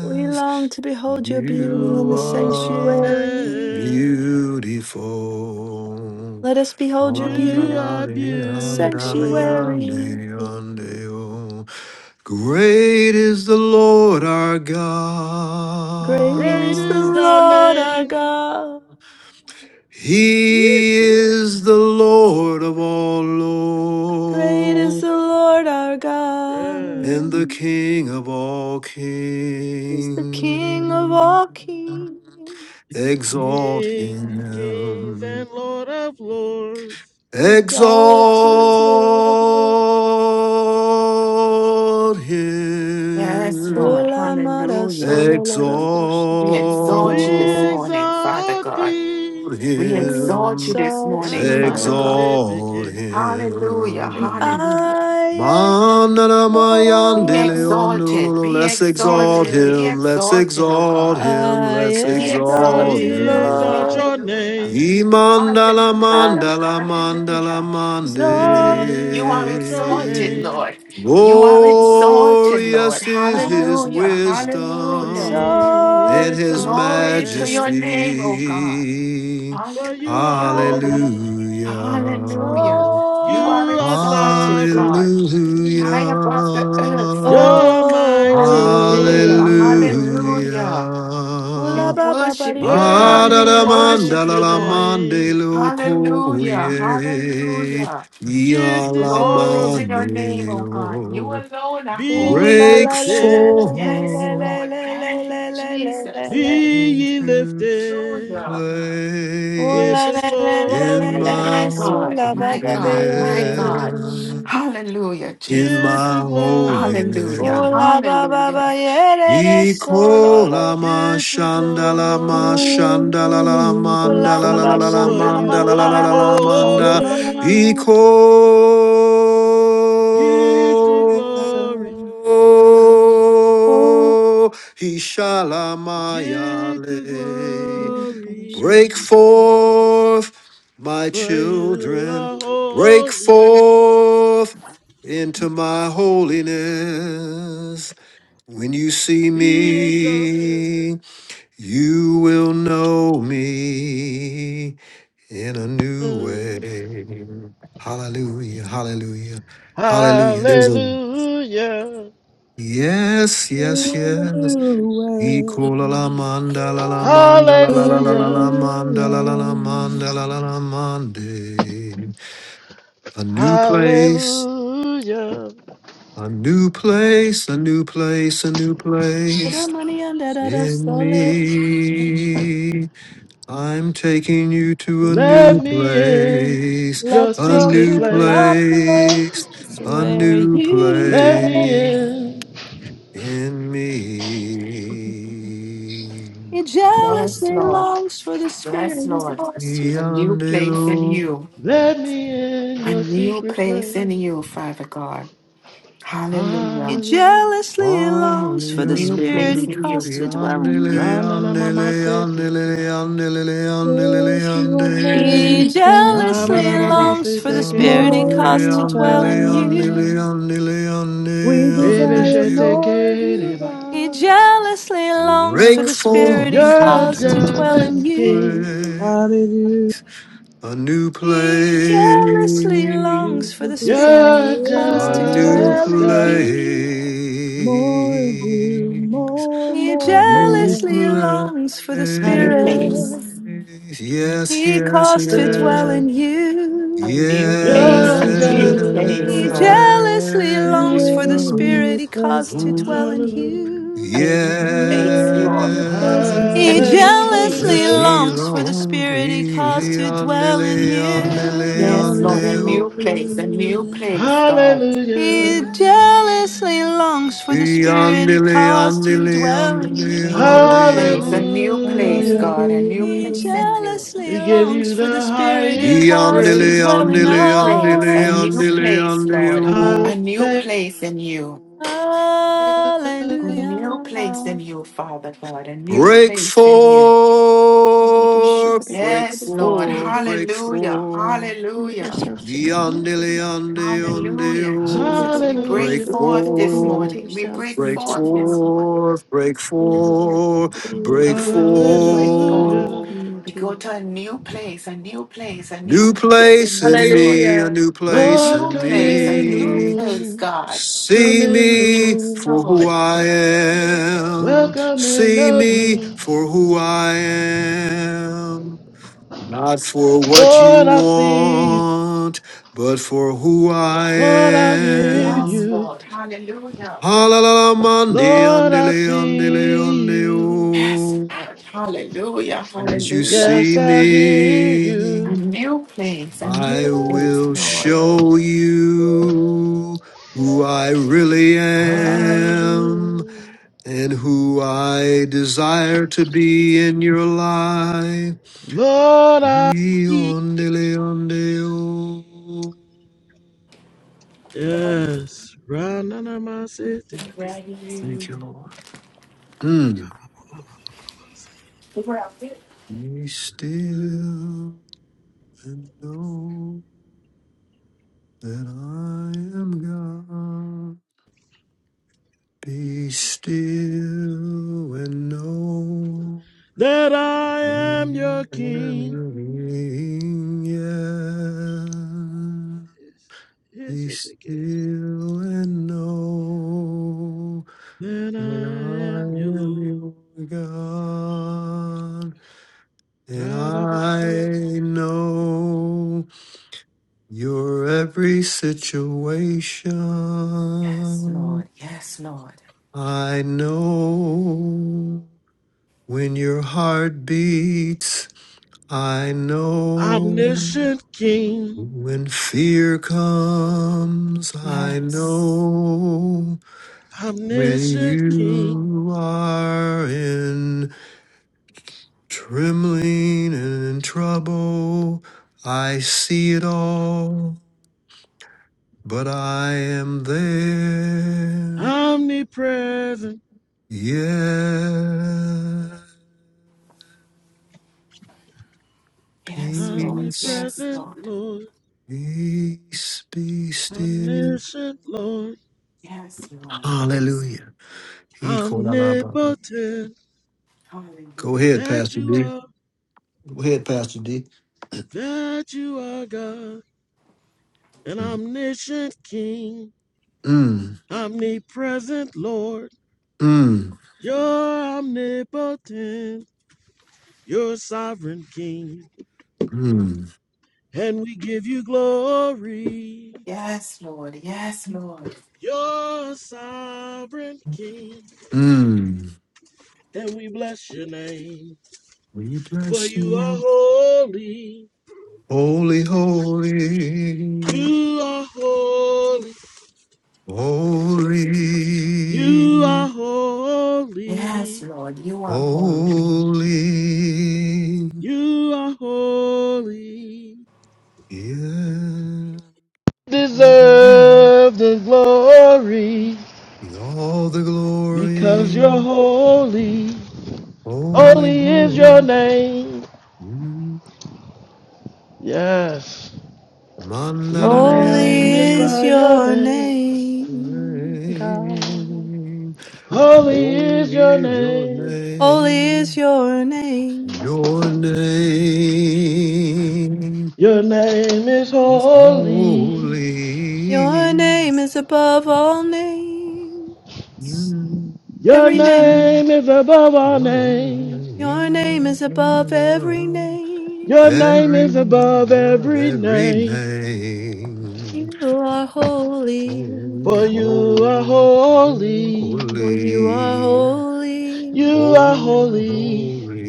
F: We long to behold your beauty
D: your
F: in
C: you
F: the
C: are
F: sanctuary.
D: holiness.
C: beautiful.
F: Let us behold your beauty
D: You are beautiful.
F: sanctuary.
C: Great is the Lord our
F: Great
D: Great
F: is the
C: God.
D: is thy
F: Lord our
D: name.
F: God.
C: He is the Lord of all
F: Great is
C: lords
F: the Lord our
C: and
D: Yes.
C: the
F: God.
C: King of all
F: He's the King of
C: kings.
F: all kings.
D: yes, yes. Yes.
C: Exalt
D: King of kings
C: him.
D: and Lord of lords.
F: Exalted
D: Yes.
F: Lord of lords.
C: Exalt
A: Yes, Lord.
C: him.
F: Ola mara
A: Hallelujah.
F: solo
C: Exalt
F: lora
A: We
F: boshikiri.
A: exalt you this
D: We
A: morning, Father
D: exalt
A: God.
D: thee.
A: We
F: We
A: exalt
C: him
A: you this
F: exalt you,
A: morning, Father
F: Lord.
A: God.
C: exalt
A: Hallelujah.
F: And
C: him.
A: Hallelujah.
F: I
A: Be
F: exalt
A: exalted,
C: Manaramayandeleonululu.
A: be
C: Let's exalt
A: exalted,
F: you.
A: be
C: him, let's
D: Yes.
A: exalted, O
C: exalt
A: God.
C: him, let's
F: I
A: Be
F: exalt
C: exalt
A: exalted,
F: you,
A: O
D: We
A: God.
C: him.
D: exalt
F: Lord.
D: your
A: Hallelujah.
D: name.
C: Imandala
F: I
A: Hallelujah.
C: mandala
A: Hallelujah.
C: mandala
D: We
A: You are
D: exalt
F: exalt
D: your
F: thee.
A: exalted,
C: mande.
D: name.
A: Lord. You are exalted, Lord.
C: Glorious is his
F: I
A: Hallelujah. Hallelujah.
C: wisdom
D: We
F: exalt
C: in his
D: exalt your
A: Glory
F: thee.
A: to your
D: name.
A: name, O God.
C: majesty.
D: For you are
A: Hallelujah.
F: I
D: holy.
C: Hallelujah.
A: Hallelujah. You
F: exalt
A: are
D: You are
A: exalted,
D: sovereign.
A: God, high
F: thee.
A: above the earth,
C: Hallelujah.
A: Father.
D: You're
F: Oh,
D: mighty King.
A: Hallelujah.
F: Lord.
A: Hallelujah. We
F: Kula
C: Hallelujah.
F: ba ba ba
A: worship
F: dee
A: you,
F: da da
A: God.
F: da
A: We
D: Worthy
F: da.
A: worship
D: is your
A: you, Lord.
C: Adadamandalalamande
D: name.
A: Hallelujah.
C: lokoye.
A: Hallelujah.
D: Get the
A: Glory to
D: glory.
A: your name, oh God. You
C: Yalamaneo.
A: alone are
D: Be
F: Ooh
D: ye
A: holy.
F: la
C: Break
F: la la la
D: lifted.
F: la la
A: Yes,
F: la la
C: forth
A: Lord.
F: la la
A: Thank you,
F: la la la
A: Jesus.
F: la.
D: Be ye
C: into
D: lifted.
A: Hallelujah.
F: Ooh
D: Get
C: place
F: la
D: the
F: la la la la
C: in
F: la
C: my
D: glory.
A: My
F: la.
A: God,
F: Sula ba
A: my
F: ba ba
A: God,
F: yeah
A: my
F: da da.
A: God.
C: holiness,
A: Hallelujah,
C: in
D: Get
A: Jesus.
C: my
D: the glory.
A: Hallelujah,
F: Ooh
C: holiness.
F: la ba ba
A: hallelujah.
F: ba yeah da da. Solo lo.
C: Ikola
F: lo.
C: ma
D: Get the
C: shandala ma
D: glory,
C: shandala la la
B: Hallelujah,
F: Ooh
B: blessed
F: la
C: mandala
F: ba
C: la la
F: ba
C: la la
B: is
D: for
F: shanda na na
C: mandala la
D: you
F: na
C: la
F: na
D: are
C: la
F: na na na
C: la
F: na
C: manda
F: na
B: the
F: na na
D: holy.
F: na.
C: Iko
D: Get the glory,
B: God. Oh,
C: Ishala
D: get the
C: Maya
F: You do better,
C: Break
D: glory,
F: somebody.
C: forth, my
D: for you
C: children,
D: are
C: break
D: holy.
C: forth into my holiness. When you see
D: Be exalted.
C: me, you will know me in a new way. Hallelujah, hallelujah, hallelujah. There's a
D: Hallelujah,
C: yes, yes,
B: in a
C: yes.
B: new
C: Ikola la
B: way,
C: manda la la manda la la la
B: in
C: la
B: a
C: la la
D: hallelujah,
C: manda la la la
B: new way.
C: manda la la la mande. A new place,
D: hallelujah.
C: a new place, a new place, a new
F: Put your
C: place
F: money on da da da.
C: in
F: Sole.
C: me. I'm taking you to a
D: Let
C: new
D: me in
C: place,
D: your
F: Let's
C: a
F: go to
D: secret
C: new
F: the
D: place.
C: place,
F: place
C: a
F: where
C: new
F: you
D: Let me
C: place
F: dwell.
D: in.
C: in me.
F: He jealous
A: Yes, Lord.
F: for the
A: Yes, Lord. A new place in
C: Yandelu.
A: you.
D: Let me in
A: A
D: your
A: new
D: secret
A: place in
D: place.
A: you, Father God.
F: he
A: Hallelujah.
D: Hallelujah.
F: jealously longs
A: A
F: for the
A: new
C: Yandelu.
F: spirit
A: place
F: he
A: in
F: caused to
A: you.
F: dwell in
C: Yandele,
F: you.
D: Ranana
C: yandele,
D: mama se
C: yandele,
D: teke.
C: yandele, yandele,
B: There's one more
F: He
C: yandele.
B: desire.
F: jealously
D: Rabana baba
F: longs
D: se
F: for the
D: teke
F: spirit he
B: More of
C: Yandele,
D: reboso.
F: caused to
B: you,
F: dwell
C: yandele,
F: in
C: yandele,
F: you.
B: God.
C: yandele,
B: We
D: Rebe
C: yandele,
B: desire
D: she
C: yandele.
B: more of
D: teke
B: you,
D: reba.
F: He
B: God.
F: jealously longs for
C: Break
F: the
B: Hallelujah.
F: spirit he
C: forth
D: You're a
F: caused to
C: into
F: dwell
C: a
F: in
D: jealous king.
F: you.
B: Hallelujah.
C: new
F: He
C: place, a
F: jealously
C: new
F: longs
B: We
C: place.
F: for the spirit
D: You're a
F: he
B: desire
F: caused
C: A
F: to
C: new
B: more,
F: dwell
D: jealous
F: in
D: God.
F: you.
B: more of you,
C: place,
B: more,
F: He
C: a
B: more,
C: new
B: more.
F: jealously longs for the
A: a
F: spirit
A: new
C: place.
B: Hallelujah.
A: place,
C: Yes,
F: he
C: yes,
F: caused to dwell
C: yes,
F: in
D: Hallelujah.
F: you.
A: a new
B: Thank
A: place,
D: You're a
A: a
B: you,
C: yes.
A: new
D: jealous
A: place,
B: Jesus.
F: He
D: Lord.
A: Lord,
F: jealously
B: We
F: longs for the
B: wait in your
F: spirit he caused to
B: presence.
F: dwell in
C: Ooh,
D: Hallelujah.
A: a
F: you.
A: new
B: We
A: place,
B: wait in
A: Lord,
B: your presence,
C: yes.
A: a
F: He
B: Lord.
A: new
F: jealously
C: Let's
A: place.
C: see,
D: Hallelujah.
F: longs for the
C: long,
F: spirit he caused
C: we,
F: to
C: leon,
F: dwell in
C: leon,
F: you.
A: Yes,
C: leon,
A: Lord, a
C: leon,
A: new place, a new
B: Hallelujah.
A: place, God,
F: He
D: Hallelujah.
F: jealously
B: Hallelujah.
F: longs for the spirit he
C: Yandele,
F: caused to
C: yandele,
F: dwell in
C: yandele,
A: a
F: you.
A: new
C: yandele, oh.
A: place, a new place,
D: Hallelujah.
A: God, a new
F: He
A: place in you,
F: jealously
D: We give
F: longs
D: you
F: for the
D: the
F: spirit he
D: highest
F: caused
C: Yandele,
F: to
D: praise.
A: a
F: dwell in
C: yandele,
A: new place,
C: yandele,
A: a new
F: us.
C: yandele,
A: place,
C: yandele,
A: Lord,
C: oh.
A: a
D: Halle-
A: new place in you, a new place in
F: Hallelujah.
A: you, Father God, a new
C: Break
A: place in you.
F: Submit yourself to
C: forth, break
A: Yes, Lord,
C: forth, break
A: hallelujah,
C: forth.
A: hallelujah.
F: God.
C: Yandele, yande, yande,
A: Hallelujah,
C: oh.
A: Jesus. We break
C: Break
D: Hallelujah.
A: forth this
F: Submit
A: morning. We
C: forth,
F: yourselves
A: break
C: break
F: to
A: forth
F: God.
A: this morning.
C: forth, break
F: We will
A: Oh,
C: forth,
F: bring to
C: break
F: you,
A: Lord.
F: come near
A: Break
F: to God, and
A: forth.
F: will
D: Hallelujah.
C: forth.
F: come near
A: We
F: to
A: go
F: you.
A: to a new place, a new place, a new
C: New
A: place
C: place
A: in you,
C: in
A: Lord.
C: me, a
F: Hallelujah.
C: new
A: A
C: place
D: Lord,
A: new
C: in
D: come
A: place, a
D: in the
A: new
C: me.
A: place,
D: room.
A: God.
D: Come
C: See
D: in the
C: me
A: Yes,
D: room.
C: for who
A: Lord.
C: I am.
D: Welcome in
C: See
D: the
C: me
D: room.
C: for who I am. Not for what you
D: Lord, I see you.
C: want, but for who I
D: Lord, I hear
A: Yes,
C: am.
D: you.
A: Lord. Hallelujah.
C: Halalala mandi
D: Lord, I
C: andele andele
D: see you.
A: Yes,
C: andeo.
A: Lord. Hallelujah.
C: As you
A: Hallelujah.
D: Yes,
C: see
D: I hear
C: me.
A: A
D: you.
A: new place, a
C: I
A: new place,
C: will
A: Lord.
C: show you who I really am
D: Hallelujah.
C: and who I desire to be in your life.
D: Lord, I
C: Eondeleo.
D: yes, run under my city,
C: Thank
A: Ready.
C: you, Lord. Mm.
A: We're out there.
C: Be still and know that I am God. Be still and know
D: that I am your
C: that I
D: king.
C: am yeah.
D: Yes, yes,
C: Be
D: yes, yes.
C: still and know
D: That
C: that
D: I
C: I
D: am your
C: am
D: Lord.
C: your God, and I
D: Ra-ba-ba-si.
C: know your every
A: Yes,
C: situation.
A: Lord. Yes, Lord.
C: I know When your heart beats, I know.
D: Omniscient King,
C: When fear comes, I
A: Yes.
C: know. When
D: omniscient King,
C: you are in trembling and in trouble. I see it all, but I am there.
D: omnipresent,
C: Yeah.
A: Yes, Lord.
C: Peace.
A: Yes,
D: omnipresent
A: Lord.
D: Lord,
C: Peace be still.
D: omniscient Lord,
A: Yes, Lord. Yes.
C: Hallelujah. He called out our Baba.
D: omnipotent,
C: Go
A: Hallelujah.
C: ahead,
D: that
C: Pastor
D: you
C: D.
D: are,
C: Go ahead, Pastor D.
D: that you are God. an omniscient King,
C: Mm,
D: omnipresent Lord.
C: mm,
D: You're omnipotent, you're sovereign King,
C: mm,
D: and we give you glory.
A: Yes, Lord. Yes, Lord.
D: You're sovereign King,
C: mm.
D: and we bless your name,
C: We
D: for
C: bless you,
D: you are
C: Lord.
D: holy.
C: Holy, holy,
D: You are holy.
C: holy,
D: You are
A: Yes,
D: holy.
A: Lord. You are holy.
C: holy.
D: You are holy.
C: Yeah.
D: Deserve the glory.
C: All the
D: Because you're
C: glory.
D: holy,
C: Holy,
D: holy is
C: holy.
D: your name.
C: Mm.
D: Yes, we
F: Holy is
C: Mandarayane.
D: magnify your
F: your
D: name.
F: name. God.
C: name.
D: Holy
C: Oh,
D: is your
C: hear your
D: name.
F: Holy is
C: name.
F: your name.
C: Your name
D: Your name is
C: is
D: holy.
F: Your
C: holy.
F: name is above all names.
C: Mm.
D: Your
F: Every name.
D: name is above our name.
F: Your name is above every name.
D: Your name
C: Every,
D: is above
C: word,
D: every
C: every
D: name.
C: name.
F: Holy
C: Holy,
D: For
F: God.
D: you are
C: holy,
D: holy.
C: holy,
F: Holy.
D: You are
C: oh,
D: holy.
C: holy.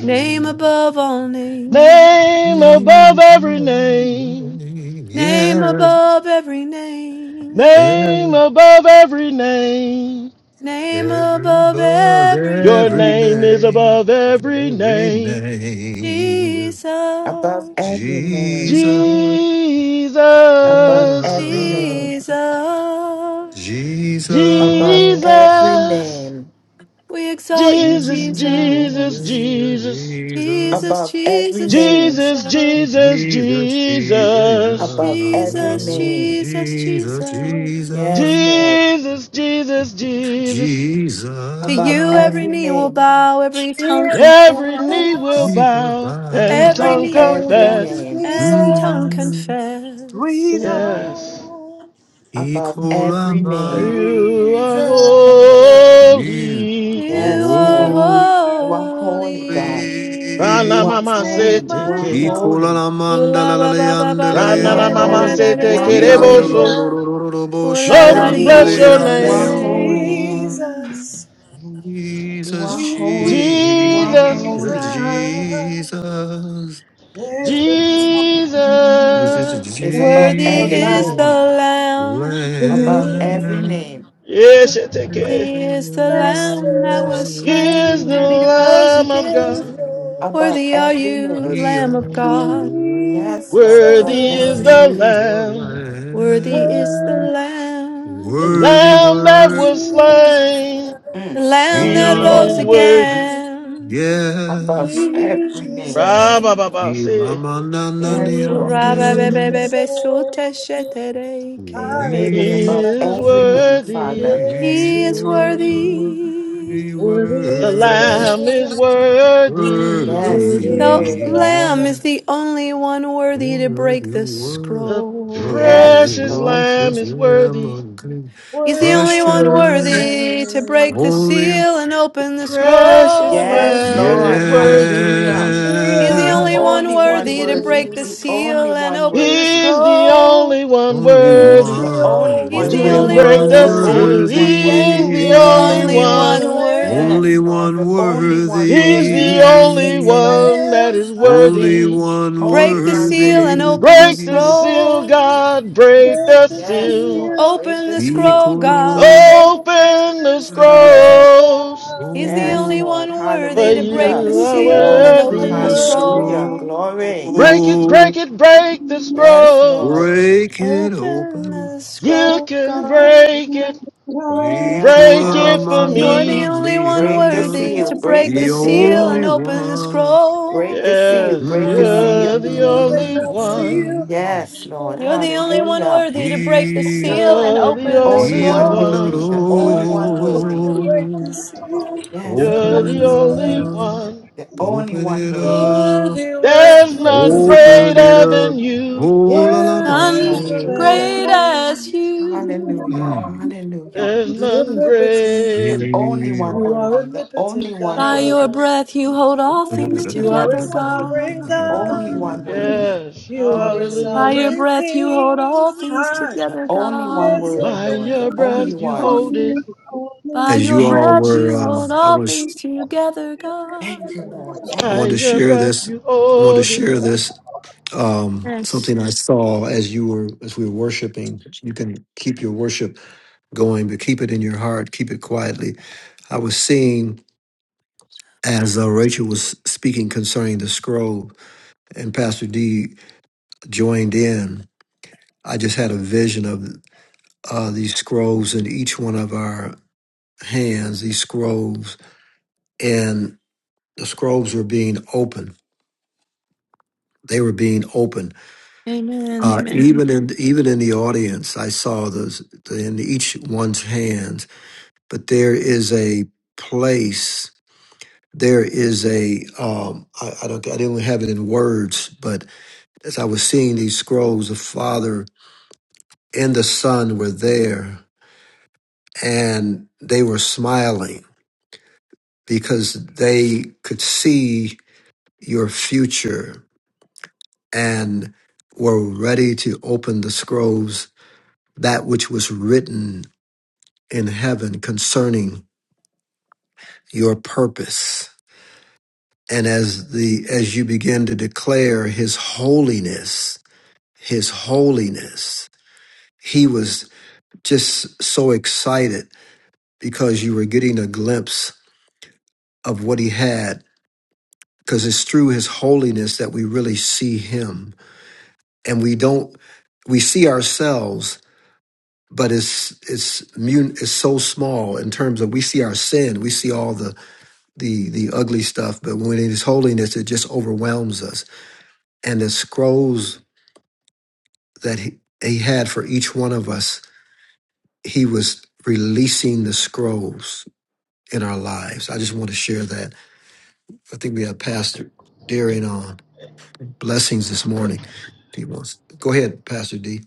F: Name above all names.
D: Name above every name.
F: Name
C: Yes,
F: above every name.
D: Name
C: ev-
D: above every name.
F: Name
C: every
F: above
C: above
F: every
D: Your
C: every
F: name,
D: name is
C: name,
D: above
C: above
D: every
C: every
D: name.
C: name,
F: Jesus,
A: Above every name.
C: Jesus,
A: Above
D: Jesus.
A: every
C: Jesus,
A: name.
F: Jesus.
A: Above
C: Jesus.
A: every
D: Jesus.
A: name.
F: We exalt you,
D: Jesus, Jesus,
F: Jesus,
D: Jesus.
F: Jesus,
A: Above every
F: Jesus,
A: name.
D: Jesus,
F: Jesus,
D: Jesus,
C: Jesus, Jesus, Jesus,
D: Jesus.
A: Above every
F: Jesus,
A: name.
F: Jesus,
C: Jesus,
F: Jesus.
A: Yes, Lord.
D: Jesus, Jesus, Jesus.
C: Jesus,
F: To
A: Above
F: you, every
A: every
F: knee will
A: name.
F: bow, every
B: We
F: tongue
D: Every knee
B: know
D: will
F: confess,
C: Jesus,
D: bow
C: bow.
D: and
F: every
A: Above
D: tongue
F: knee will
A: every
F: bow
D: confess.
A: name.
F: and tongue
B: Jesus.
C: Mm.
F: confess.
B: We
D: Yes.
B: know
A: Above every
C: Ikolama,
D: For
A: name.
D: you are
B: Jesus.
C: you
D: holy.
F: You
A: Yes,
C: holy.
F: are
A: Lord.
B: Jesus.
A: You are holy, God. You
F: holy.
B: In
D: Rana
A: are
B: his
D: mama se
B: name
A: holy. You are
B: I
D: teke.
B: know.
A: holy.
C: Ikolala
F: Ula
C: mandala
F: ba ba ba ba
C: andele
F: ba
A: You
F: di
D: Rana na
A: are
F: ya da
D: mama
F: da
C: ando,
F: da
D: se
A: holy. You are
D: teke
A: holy.
D: reboso.
B: Hallelujah.
C: kiandolo
F: Ula
C: boshe
D: Lord,
A: You
F: la
D: we
A: are
F: di
D: bless
C: andele
D: your
F: sha
A: holy. You
F: da
A: are
B: Jesus,
D: name.
A: holy.
C: andeo.
B: Jesus,
A: You
C: Jesus,
A: are
B: Jesus.
C: Jesus,
A: holy. You are
D: Jesus,
A: holy.
C: Jesus,
B: There is
D: Jesus.
B: something
C: Jesus,
A: It's above
F: Worthy
A: every
F: is the
C: Jesus,
A: name.
B: about
F: Lamb.
B: the
A: Above every
C: Lamb
B: name
A: name.
D: Yes, teke.
F: Worthy is the Lamb that
B: Master
F: was
D: He is
F: slain
D: the
F: and he rose
D: Lamb of
F: again.
D: God.
B: Savior
A: Above
F: Worthy are
A: every
F: you,
A: name.
C: we
F: Lamb of God.
C: honor
A: Yes, Lord. Above
D: Worthy
B: Jesus.
D: is
A: every
D: the
C: Yahweh
A: name.
C: the
D: Lamb.
F: Worthy is the
C: Lamb,
B: Word
D: The
F: Lamb.
C: worthy,
D: Lamb that
C: worthy,
D: was
B: Jesus.
D: slain.
F: The
A: Mm.
F: Lamb
C: he
A: Yes,
F: that
D: He
A: Lord.
F: rose
D: is
C: honor.
B: Holy
D: worthy.
F: again.
A: Above
C: yes,
A: every name.
D: Ra
B: Jesus.
D: ba ba ba say.
A: Yes,
F: He
B: Sweetest
A: Lord.
B: name I
C: Ibamanananiande.
B: know.
A: Your
C: We
A: name
D: He
A: is above
D: is
B: Hallelujah.
A: every name,
D: worthy.
A: Father.
B: Yes,
C: we
F: is
C: were
B: Lord.
C: worthy,
F: worthy.
B: Worthy
A: He
D: The
A: is
B: is the
A: worthy.
C: worthy.
D: Lamb is
B: Lamb.
D: worthy.
A: Yes,
B: Worthy
A: He is
F: The
B: is the
A: worthy.
F: Lamb
B: Lamb,
F: is the only one
C: Lord,
F: worthy to break the
C: you
D: The
F: scroll.
A: Yes,
D: precious
A: Lord.
C: were
D: Lamb
C: precious
D: is
C: Lamb
D: worthy.
C: of God,
F: He's the
B: worthy
F: only one
B: is the
C: precious,
F: worthy to break the
B: Lamb.
C: holy,
F: seal and
D: The
F: open the
B: We
D: precious
B: honor
F: scroll.
A: Yes,
D: Lamb
B: you,
D: is
A: Lord. Hallelujah.
D: worthy.
B: we
F: He's the
A: The
C: yeah.
F: only
B: honor
F: one
A: only one
F: worthy to
A: worthy,
F: break
B: you, Lord.
F: the
A: the only
F: seal and
A: one
F: open the
A: worthy,
D: He's the
F: scroll.
D: only one
C: Only
B: He's
D: worthy
A: the
B: the
C: one,
A: only
F: He's
A: one
B: only
F: the
C: only
D: to
F: only
B: one
A: worthy,
D: break
C: one
F: one
D: the
A: the
F: worthy.
D: seal.
A: only
C: worthy,
B: worthy.
A: one worthy.
D: He's the
F: Yes, the
D: only
F: only
B: Worthy is
F: one
B: the
D: one.
B: Lamb,
F: worthy.
C: only
A: Yes, Lord.
C: one
A: The only one
D: He's
A: worthy,
D: the
C: worthy,
B: worthy is
D: only
B: the
D: one that
B: Lamb.
D: is
B: Higher.
C: only
D: worthy.
C: one
F: Break
A: only
F: the
A: one
F: seal
C: worthy.
F: and
A: worthy.
F: open the
D: Break the seal,
F: scroll.
D: God, break the
B: Break the
A: Yes,
D: seal.
A: Lord.
B: seal,
A: Break
F: Open
A: the seal.
F: up.
C: Ikoro.
B: open
D: Open the
B: the door,
D: scrolls,
B: God.
F: He's the
A: Yes,
F: only
C: Oh,
A: Lord.
F: one
D: for
F: worthy to break
A: Hallelujah.
F: the
D: you
B: He's
D: are
B: the
F: seal and
B: only one
C: open
F: open the
C: the
D: worthy.
C: scroll,
A: Hallelujah.
F: scroll.
B: worthy.
A: Glory.
D: Break it, break it, break the
A: Yes,
D: scrolls.
A: Lord.
C: break it
F: Open
C: open.
F: the
D: You
F: scroll,
D: can
F: God.
D: break it,
B: Break
C: The
B: the
A: Yes,
D: break
A: Lord.
D: it for
B: soul.
F: You're the
D: me.
F: only one
A: Break the
F: worthy
A: seal.
F: to
A: Break
F: break
A: the
F: the
A: seal,
F: seal and
C: only
A: Lord.
F: open the
C: one.
F: scroll.
A: Break the seal.
D: Yes,
B: Only
A: Break
B: one
A: the
D: you're
A: seal.
B: worthy
D: the
B: to break
D: only
B: the
D: one.
B: seal.
C: Mm.
A: Yes,
B: Before
A: Lord.
F: You're
B: the
F: the only
B: stars,
F: one
A: Hallelujah.
F: worthy to break the
C: He,
F: seal and
D: You're the
A: The
F: open the
A: only
C: he
D: only
A: one
C: under
F: scroll.
A: worthy.
D: one.
A: The only
B: you're
A: one
B: the only
A: worthy.
B: to break the seal.
A: Yes,
B: Before
C: Open
D: You're
A: God.
B: the
C: it
D: the only
B: stars.
C: up.
D: one.
A: The only
C: Open
A: one
C: it
A: worthy.
C: up.
B: Worthy, worthy
D: There's
B: is
D: none
B: the
C: Open
B: Lamb.
C: it
D: greater
C: up.
D: than you.
C: Oh la
A: Yes,
C: la
B: Worthy
C: man.
A: Lord.
F: None
B: is
A: Hallelujah.
F: great
B: the
F: as
B: Lamb.
F: you.
A: Hallelujah.
C: Mm.
A: Hallelujah.
D: There's
B: You are
D: none
B: omnipotent.
A: The
D: greater.
A: only one
B: You are
A: worthy. The only
B: omnipotent
A: one
F: By your
A: worthy.
B: God.
F: breath, you hold all things
B: You are a
F: together,
B: sovereign
F: God.
A: Only one
B: God.
C: Yeah.
A: worthy.
D: Yes,
B: You are a
F: By
A: Hallelujah.
F: your
D: hallelujah.
B: sovereign
F: breath, you hold all things
B: King.
A: The
F: together,
A: only one
F: God.
B: Yes, oh
A: worthy,
D: By
A: Lord.
D: your
A: The
B: God.
A: only
D: breath you
A: one.
D: hold it.
F: By
C: as
F: your
C: you
A: Thank
C: all
A: you,
F: breath,
C: were,
F: you hold
C: um,
A: Jesus.
C: I
F: all
C: was,
F: things together, God.
A: Thank you, Lord.
C: I
A: Thank
D: By
C: wanted
A: you,
C: to
D: your
A: Lord.
C: share
D: breath
C: this.
D: you
C: I wanted to
D: hold it.
C: share this um,
F: Yes.
C: something I saw as you were as we were worshiping. You can keep your worship going, but keep it in your heart. Keep it quietly. I was seeing as uh, Rachel was speaking concerning the scroll, and Pastor D joined in. I just had a vision of uh, these scrolls in each one of our hands. These scrolls and the scrolls were being opened. They were being opened
F: Amen.
C: Uh,
F: Amen.
C: even in even in the audience, I saw those in each one's hands. But there is a place. There is a um, I, I don't I didn't have it in words, but as I was seeing these scrolls, the Father and the Son were there, and they were smiling because they could see your future and were ready to open the scrolls that which was written in heaven concerning your purpose. And as the as you begin to declare his holiness, his holiness, he was just so excited because you were getting a glimpse of what he had because it's through his holiness that we really see him and we don't we see ourselves but it's it's mun- it's so small in terms of we see our sin we see all the the the ugly stuff, but when it is holiness, it just overwhelms us. And the scrolls that he, he had for each one of us, he was releasing the scrolls in our lives. I just want to share that. I think we have Pastor Darian on blessings this morning. He wants. Go ahead, Pastor D.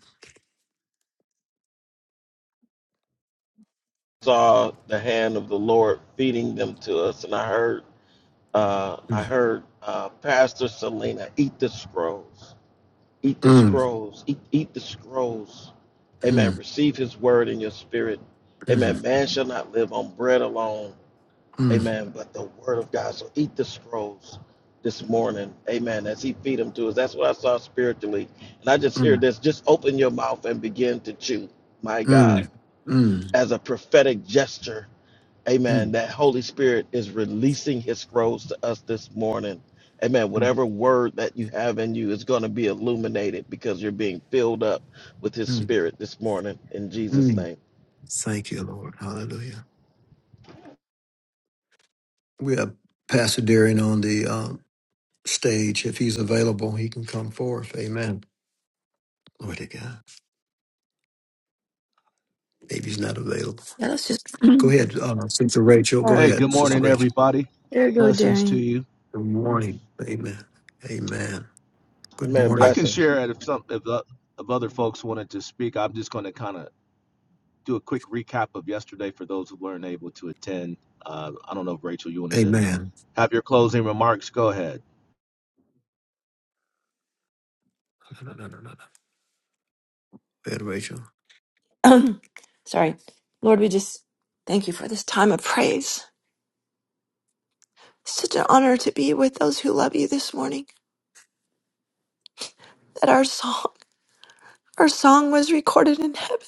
D: Saw the hand of the Lord feeding them to us, and I heard, uh, I
C: Mm,
D: heard uh, Pastor Selena eat the scrolls, eat the
C: mm,
D: scrolls, eat, eat the scrolls. Amen.
C: mm,
D: Receive His word in your spirit.
C: mm,
D: Amen. Man shall not live on bread alone,
C: mm,
D: Amen. But the word of God. So eat the scrolls this morning. Amen. As he feed them to us. That's what I saw spiritually. And I just hear
C: mm,
D: this. Just open your mouth and begin to chew. My God.
C: mm, mm,
D: As a prophetic gesture. Amen.
C: mm,
D: That Holy Spirit is releasing his scrolls to us this morning. Amen. Whatever word that you have in you is going to be illuminated because you're being filled up with his
C: mm,
D: spirit this morning in Jesus'
C: mm.
D: name.
C: Thank you, Lord. Hallelujah. We have Pastor Darian on the um, stage. If he's available, he can come forth. Amen. Glory to God. Maybe he's not available.
F: Yeah, let's just.
C: Go ahead, uh, Sister Rachel. Go
F: There
G: Hey, good
C: ahead, Sister
G: morning,
C: Rachel.
G: everybody.
F: you go,
G: Blessings to
F: Darian.
G: you.
C: Good morning. Amen. Amen. Good
D: Amen.
G: I
C: morning.
G: can
D: Blessings.
G: share it if some if, uh, if other folks wanted to speak. I'm just going to kind of do a quick recap of yesterday for those who weren't able to attend. Uh, I don't know if Rachel, you wanted to
C: Amen.
G: have your closing remarks. Go ahead.
C: No, no, no, no, no. Go ahead, Rachel.
F: Sorry. Lord, we just thank you for this time of praise. Such an honor to be with those who love you this morning. That our song, our song was recorded in heaven,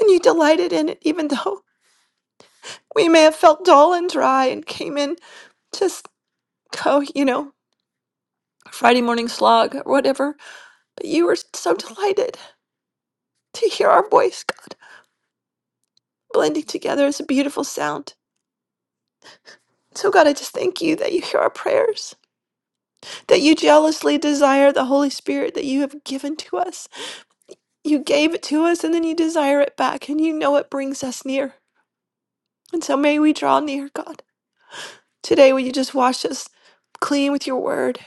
F: and you delighted in it, even though we may have felt dull and dry and came in just, oh, you know. Friday morning slog or whatever. But you were so delighted to hear our voice, God, blending together as a beautiful sound. So, God, I just thank you that you hear our prayers, that you jealously desire the Holy Spirit that you have given to us. You gave it to us and then you desire it back, and you know it brings us near. And so, may we draw near, God. Today, will you just wash us clean with your word?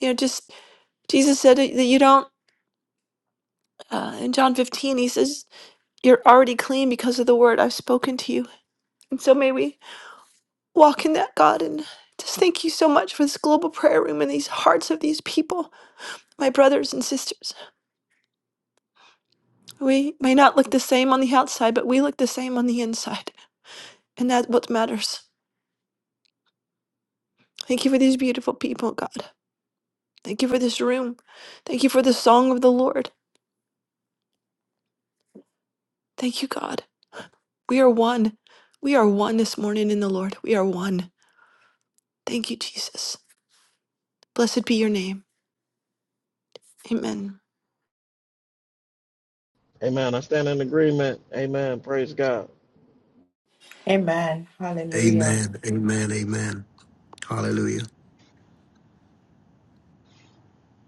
F: You know, just Jesus said that you don't, uh, in John 15, he says, You're already clean because of the word I've spoken to you. And so may we walk in that, God. And just thank you so much for this global prayer room and these hearts of these people, my brothers and sisters. We may not look the same on the outside, but we look the same on the inside. And that's what matters. Thank you for these beautiful people, God. Thank you for this room. Thank you for the song of the Lord. Thank you, God. We are one. We are one this morning in the Lord. We are one. Thank you, Jesus. Blessed be your name. Amen.
D: Amen. I stand in agreement. Amen. Praise God.
A: Amen. Hallelujah.
C: Amen. Amen. Amen. Hallelujah.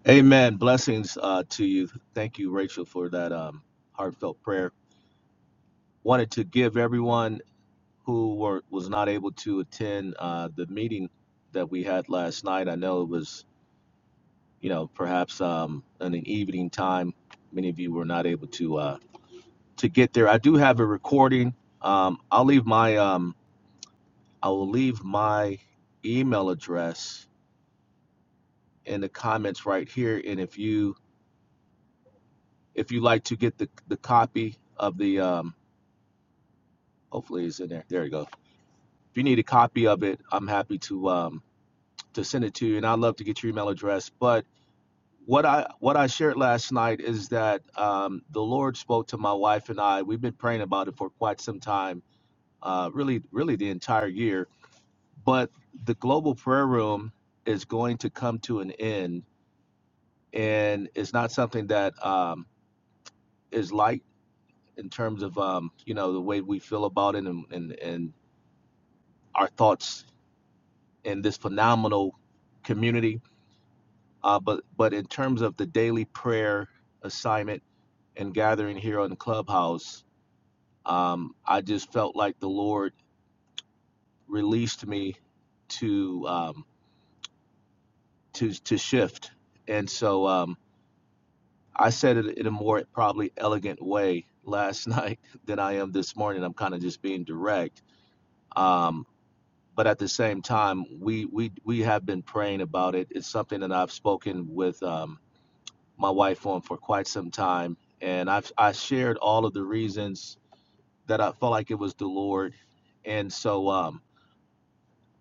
G: Amen. Blessings uh, to you. Thank you, Rachel, for that um, heartfelt prayer. Wanted to give everyone who were was not able to attend uh, the meeting that we had last night. I know it was you know, perhaps um, in an evening time, many of you were not able to uh, to get there. I do have a recording. Um, I'll leave my um, I will leave my email address in the comments right here. And if you if you like to get the the copy of the um, hopefully it's in there. There you go. If you need a copy of it, I'm happy to um, to send it to you. And I'd love to get your email address, but what I what I shared last night is that um, the Lord spoke to my wife and I. We've been praying about it for quite some time, uh, really, really the entire year. But the global prayer room is going to come to an end, and it's not something that um, is light in terms of um, you know the way we feel about it and and, and our thoughts in this phenomenal community. Uh, but but in terms of the daily prayer assignment and gathering here on Clubhouse um, I just felt like the Lord released me to um, to to shift, and so um, I said it in a more probably elegant way last night than I am this morning. I'm kind of just being direct, um, but at the same time, we we we have been praying about it. It's something that I've spoken with um, my wife on for quite some time, and I've I shared all of the reasons that I felt like it was the Lord, and so. Um,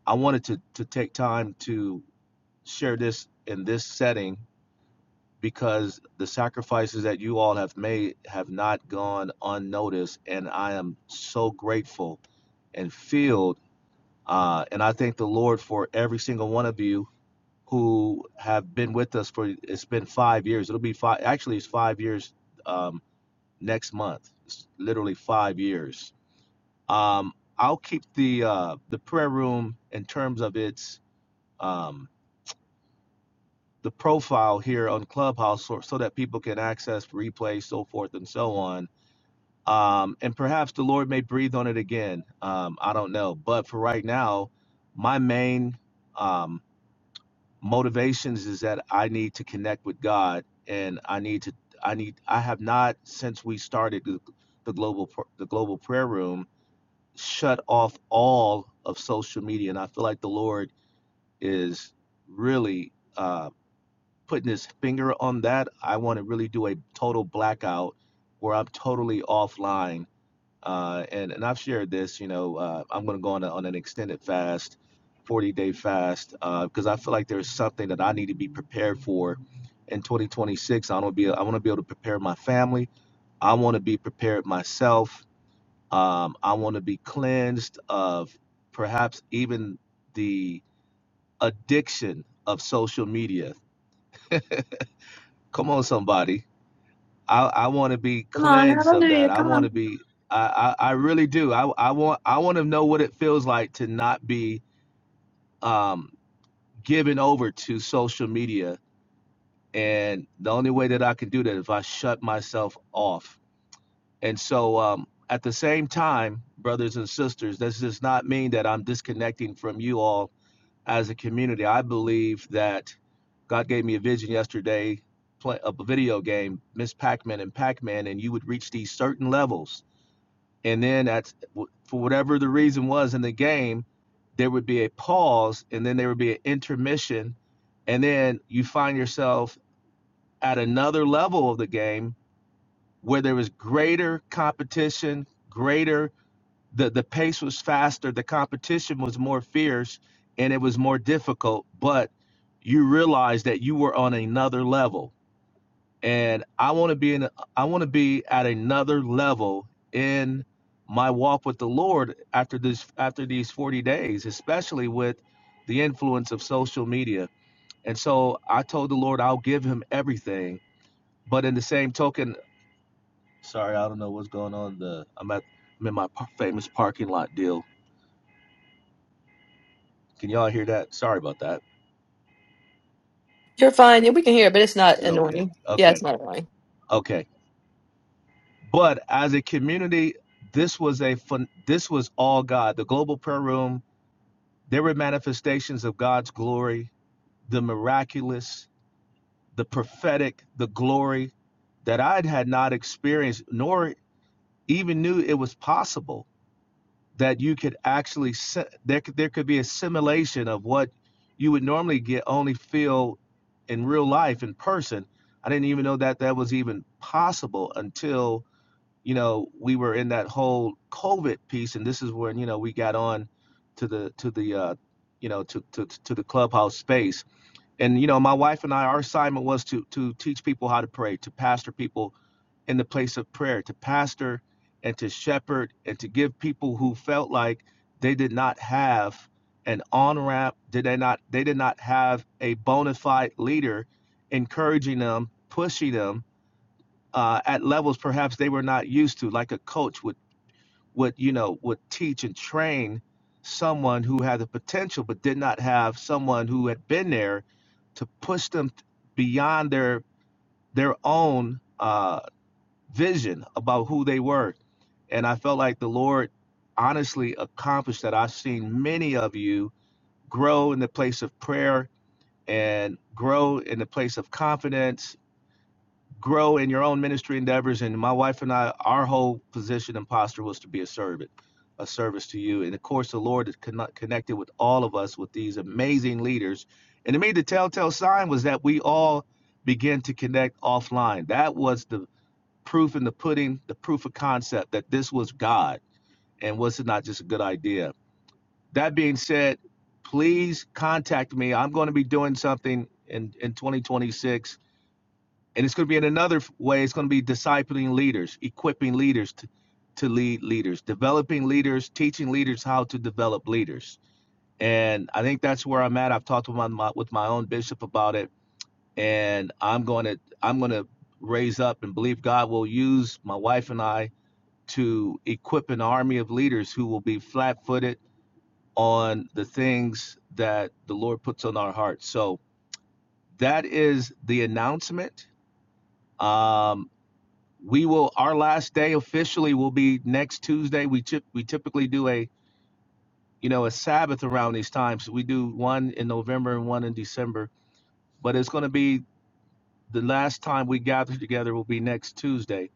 G: I wanted to to take time to share this in this setting because the sacrifices that you all have made have not gone unnoticed, and I am so grateful and filled. Uh, and I thank the Lord for every single one of you who have been with us for it's been five years. It'll be five. Actually, it's five years um, next month. It's literally five years. Um, I'll keep the uh, the prayer room in terms of its um, the profile here on Clubhouse so, so that people can access replays, so forth and so on. Um, and perhaps the Lord may breathe on it again. Um, I don't know. But for right now, my main um, motivations is that I need to connect with God and I need to, I need, I have not since we started the, the global, pr- the global prayer room shut off all of social media. And I feel like the Lord is really, Uh, putting his finger on that. I want to really do a total blackout where I'm totally offline. Uh, and and I've shared this. You know, uh, I'm going to go on, a, on an extended fast, 40 day fast, because uh, I feel like there's something that I need to be prepared for in 2026. I want to be I want to be able to prepare my family. I want to be prepared myself. Um, I want to be cleansed of perhaps even the addiction of social media. Come on, somebody I, I want to be
F: Come on,
G: cleansed of
F: hallelujah.
G: that. I
F: Come
G: want
F: on.
G: to be. I, I, I really do. I, I want I want to know what it feels like to not be um, given over to social media. And the only way that I can do that is if I shut myself off. And so um, at the same time, brothers and sisters, this does not mean that I'm disconnecting from you all as a community. I believe that God gave me a vision yesterday play, a video game, Miss Pac-Man and Pac-Man, and you would reach these certain levels and then at for whatever the reason was in the game, there would be a pause, and then there would be an intermission, and then you find yourself at another level of the game where there was greater competition, greater the the pace was faster, the competition was more fierce, and it was more difficult, but you realized that you were on another level and I want to be in I want to be at another level in my walk with the Lord after this after these 40 days, especially with the influence of social media. And so I told the Lord I'll give him everything. But in the same token, sorry, I don't know what's going on. The I'm at I'm in my par- famous parking lot deal. Can y'all hear that? Sorry about that.
F: You're fine. Yeah, we can hear it, but it's not
G: Is it okay?
F: annoying. Yeah, it's
G: Okay.
F: not annoying.
G: Okay. But as a community, this was a fun this was all God. The global prayer room There were manifestations of God's glory, the miraculous, the prophetic, the glory that I had not experienced, nor even knew it was possible that you could actually, there could, there could be a simulation of what you would normally get only feel in real life in person. I didn't even know that that was even possible until you know, we were in that whole COVID piece, and this is when you know we got on to the to the uh, you know to, to to the clubhouse space. And you know, my wife and I, our assignment was to to teach people how to pray, to pastor people in the place of prayer, to pastor and to shepherd, and to give people who felt like they did not have an on ramp, did they not they did not have a bona fide leader encouraging them, pushing them uh, at levels perhaps they were not used to, like a coach would would you know would teach and train someone who had the potential but did not have someone who had been there to push them beyond their their own uh, vision about who they were. And I felt like the Lord honestly accomplished that. I've seen many of you grow in the place of prayer and grow in the place of confidence grow in your own ministry endeavors. And my wife and I, our whole position and posture was to be a servant, a service to you. And of course, the Lord has conno- connected with all of us with these amazing leaders. And to me, the telltale sign was that we all began to connect offline. That was the proof in the pudding, the proof of concept that this was God and was it not just a good idea. That being said, please contact me. I'm going to be doing something in, in 2026 and it's going to be in another way it's going to be discipling leaders equipping leaders to, to lead leaders developing leaders teaching leaders how to develop leaders and i think that's where i'm at i've talked with my, my with my own bishop about it and i'm going to i'm going to raise up and believe god will use my wife and i to equip an army of leaders who will be flat-footed on the things that the lord puts on our hearts so that is the announcement um, we will our last day officially will be next Tuesday. We typ- we typically do a you know a Sabbath around these times. We do one in November and one in December, but it's going to be the last time we gather together will be next Tuesday.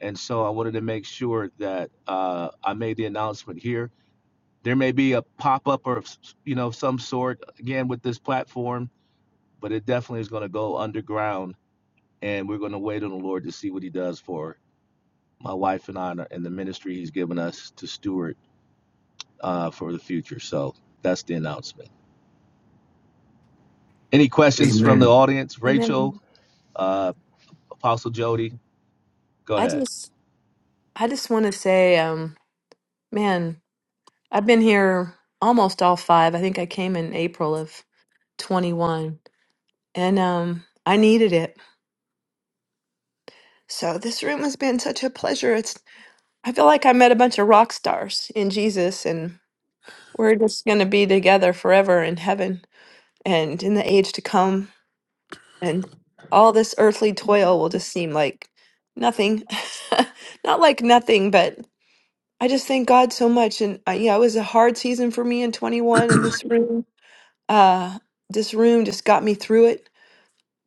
G: And so I wanted to make sure that uh, I made the announcement here. There may be a pop up or you know some sort again with this platform, but it definitely is going to go underground, and we're going to wait on the Lord to see what He does for my wife and I and the ministry he's given us to steward uh, for the future. So that's the announcement. Any questions from the
C: Amen.
G: audience?
F: And
G: Rachel,
F: then
G: uh, Apostle Jody, go ahead.
F: I just want to say, um, man, I've been here almost all five. I think I came in April of 21, and um, I needed it. So this room has been such a pleasure. It's I feel like I met a bunch of rock stars in Jesus, and we're just gonna be together forever in heaven and in the age to come. And all this earthly toil will just seem like nothing. not like nothing, but I just thank God so much. And uh, yeah, it was a hard season for me in 21 and this room, uh, this room just got me through it,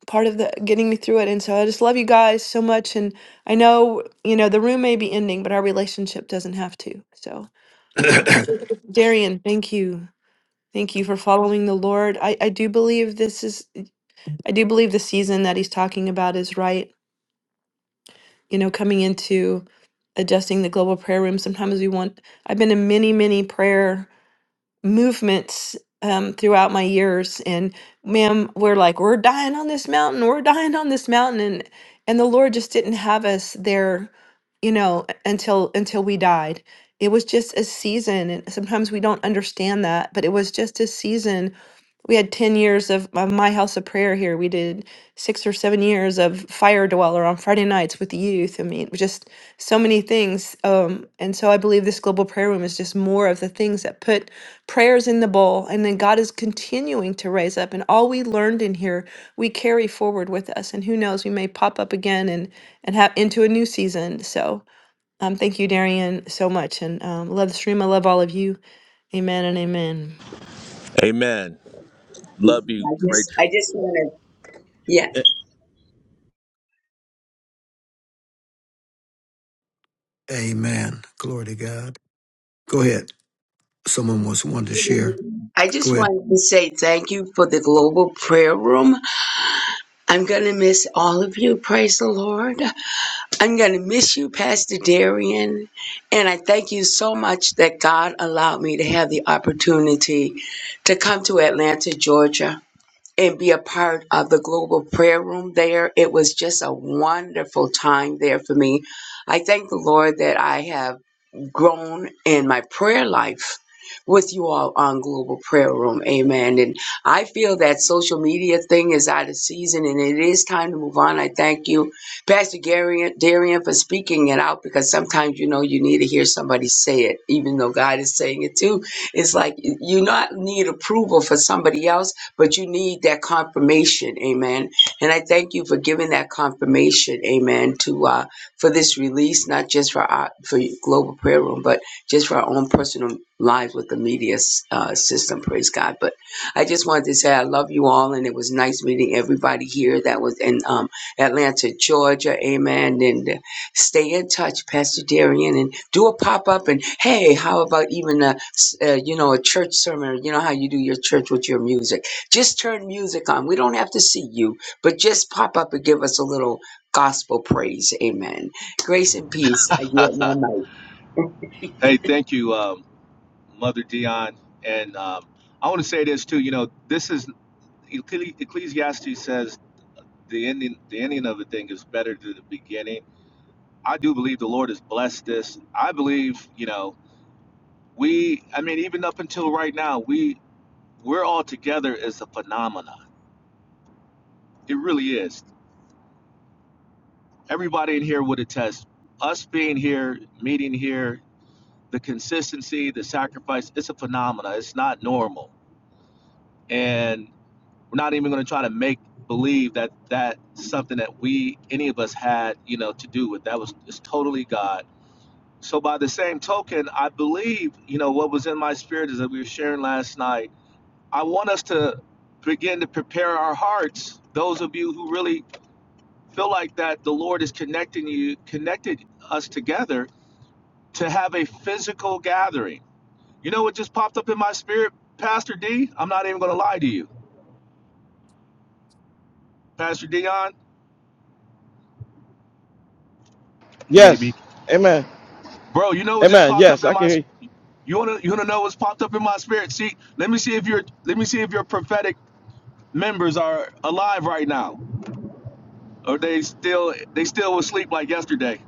F: part of the getting me through it. And so I just love you guys so much. And I know, you know, the room may be ending, but our relationship doesn't have to. So, um, Darian, thank you. Thank you for following the Lord. I, I do believe this is, I do believe the season that he's talking about is right. You know, coming into adjusting the global prayer room, sometimes we want, I've been in many, many prayer movements um, throughout my years. And ma'am, we're like, we're dying on this mountain, we're dying on this mountain. And and the Lord just didn't have us there, you know, until until we died. It was just a season. And sometimes we don't understand that, but it was just a season we had 10 years of, of my house of prayer here we did six or seven years of fire dweller on friday nights with the youth i mean just so many things um, and so i believe this global prayer room is just more of the things that put prayers in the bowl and then god is continuing to raise up and all we learned in here we carry forward with us and who knows we may pop up again and and have into a new season so um, thank you darian so much and um, love the stream i love all of you amen and amen
G: Amen. Love you,
H: I just, I
G: Rachel.
H: just want to, yeah.
C: Amen. Glory to God. Go ahead. Someone was wanted to share.
H: I
C: Go
H: just
C: ahead.
H: wanted to say thank you for the global prayer room. I'm going to miss all of you. Praise the Lord. I'm going to miss you, Pastor Darian. And I thank you so much that God allowed me to have the opportunity to come to Atlanta, Georgia. And be a part of the global prayer room there. It was just a wonderful time there for me. I thank the Lord that I have grown in my prayer life with you all on Global Prayer Room. Amen. And I feel that social media thing is out of season and it is time to move on. I thank you, Pastor Gary, Darian, for speaking it out because sometimes, you know, you need to hear somebody say it, even though God is saying it too. It's like you not need approval for somebody else, but you need that confirmation. Amen. And I thank you for giving that confirmation. Amen. To, uh, for this release, not just for our for global prayer room, but just for our own personal lives with the media uh, system. Praise God! But I just wanted to say I love you all, and it was nice meeting everybody here that was in um, Atlanta, Georgia. Amen. And uh, stay in touch, Pastor Darian, and do a pop up. And hey, how about even a s- uh, you know a church sermon? You know how you do your church with your music. Just turn music on. We don't have to see you, but just pop up and give us a little gospel praise. Amen. Grace and peace. I yield my mic.
G: Hey, thank you, um, Mother Dion. And um, I want to say this too. You know, this is Ecclesi- Ecclesiastes says the ending the ending of a thing is better than the beginning. I do believe the Lord has blessed this. I believe, you know, we I mean even up until right now, we. we're all together is a phenomenon. It really is. Everybody in here would attest. Us being here, meeting here, the consistency, the sacrifice, it's a phenomenon. It's not normal. And we're not even going to try to make believe that that's something that we, any of us had, you know, to do with. That was it's totally God. So by the same token, I believe, you know, what was in my spirit is that we were sharing last night. I want us to begin to prepare our hearts, those of you who really feel like that the Lord is connecting you, connected us together to have a physical gathering. You know what just popped up in my spirit, Pastor D? I'm not even gonna lie to you, Pastor Dion. He may
D: Yes.
G: be,
D: Amen.
G: bro. You know what just
D: Amen.
G: popped up
D: Yes,
G: in
D: I
G: my.
D: can hear
G: You wanna you wanna know what's popped up in my spirit? See, let me see if your let me see if your prophetic members are alive right now, or they still they still was asleep like yesterday,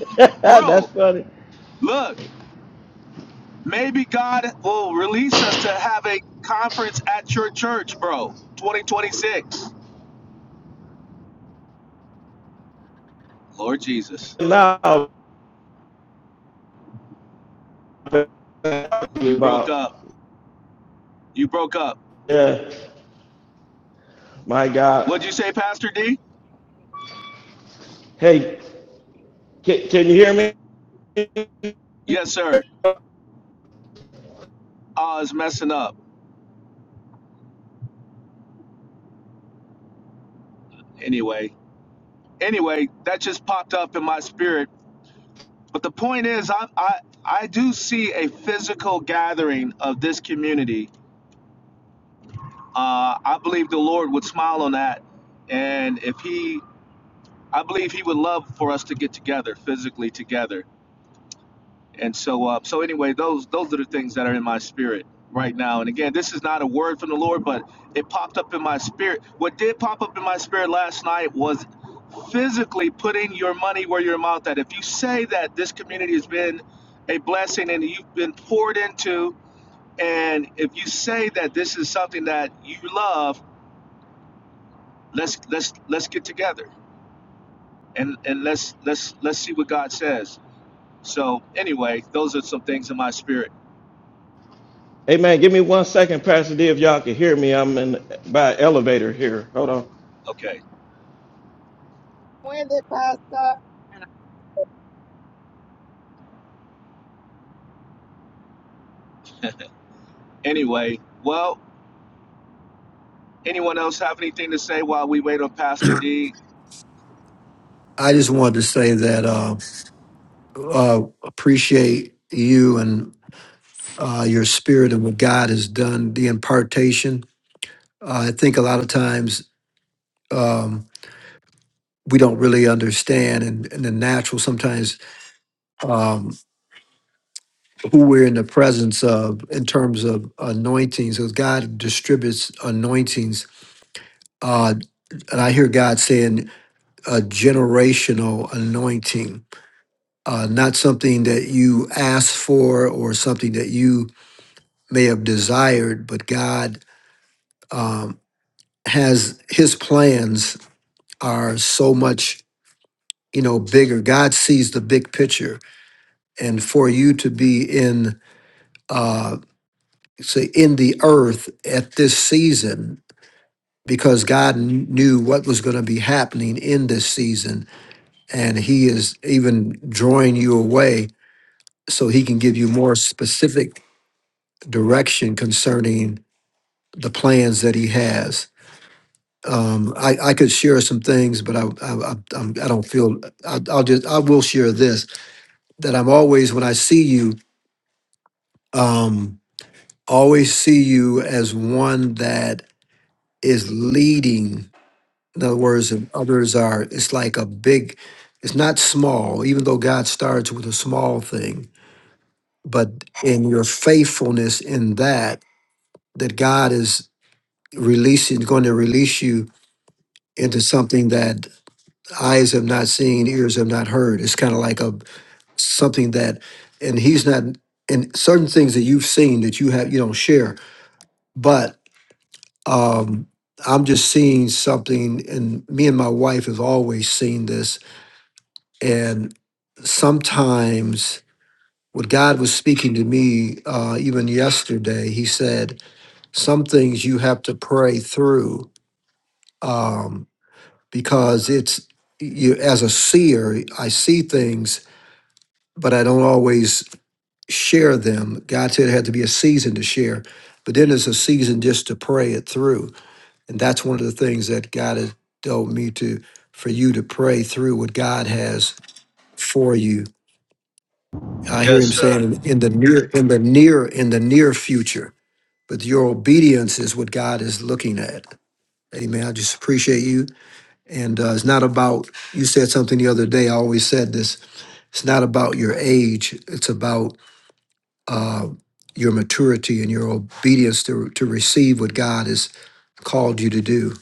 D: you. That's
G: bro.
D: funny.
G: Look. Maybe God will release us to have a conference at your church, bro. 2026. Lord Jesus,
D: Now
G: you broke
D: about
G: up. You broke up.
D: yeah, my
G: What'd
D: God.
G: you say, Pastor D?
D: Hey, can, can you hear me?
G: Yes, sir. I was messing up. Anyway, anyway, that just popped up in my spirit. But the point is, I I, I do see a physical gathering of this community. Uh, I believe the Lord would smile on that, and if He, I believe He would love for us to get together physically together and so uh, so anyway those those are the things that are in my spirit right now and again this is not a word from the lord but it popped up in my spirit what did pop up in my spirit last night was physically putting your money where your mouth at if you say that this community has been a blessing and you've been poured into and if you say that this is something that you love let's let's let's get together and and let's let's let's see what god says so anyway those are some things in my spirit
D: Amen. Give me one second, Pastor D, if y'all can hear me. I'm in by elevator here. Hold on.
G: okay
E: With it, Pastor.
G: Anyway, well, anyone else have anything to say while we wait on Pastor D?
C: I just wanted to say that uh, uh, appreciate you and. uh, your spirit and what God has done, the impartation. Uh, I think a lot of times um, we don't really understand, and in, in the natural, sometimes um, who we're in the presence of in terms of anointings, because God distributes anointings. Uh, and I hear God saying a generational anointing, uh, not something that you asked for or something that you may have desired, but God um, has His plans are so much you know bigger god sees the big picture and for you to be in uh say in the earth at this season because god kn- knew what was going to be happening in this season and he is even drawing you away so he can give you more specific direction concerning the plans that he has um, I, I could share some things, but I, I, I, I'm- I don't feel I, I'll just I will share this that I'm always when I see you, um, always see you as one that is leading. In other words, and others are. It's like a big. It's not small, even though God starts with a small thing. But in your faithfulness in that, that God is releasing, going to release you into something that eyes have not seen, ears have not heard. It's kind of like a something that, and He's not. And certain things that you've seen that you have you don't share, but um, I'm just seeing something, and me and my wife have always seen this. And sometimes, what God was speaking to me, uh, even yesterday, He said, "Some things you have to pray through um, because it's you." As a seer, I see things, but I don't always share them. God said it had to be a season to share, but then it's a season just to pray it through And that's one of the things that God has told me to, for you to pray through what God has for you. I hear
G: Yes,
C: him saying
G: sir.
C: in in the near, in the near, in the near future, but your obedience is what God is looking at. Amen. I just appreciate you. And uh, it's not about, you said something the other day. I always said this it's not about your age, it's about uh, your maturity and your obedience to, to receive what God has called you to do.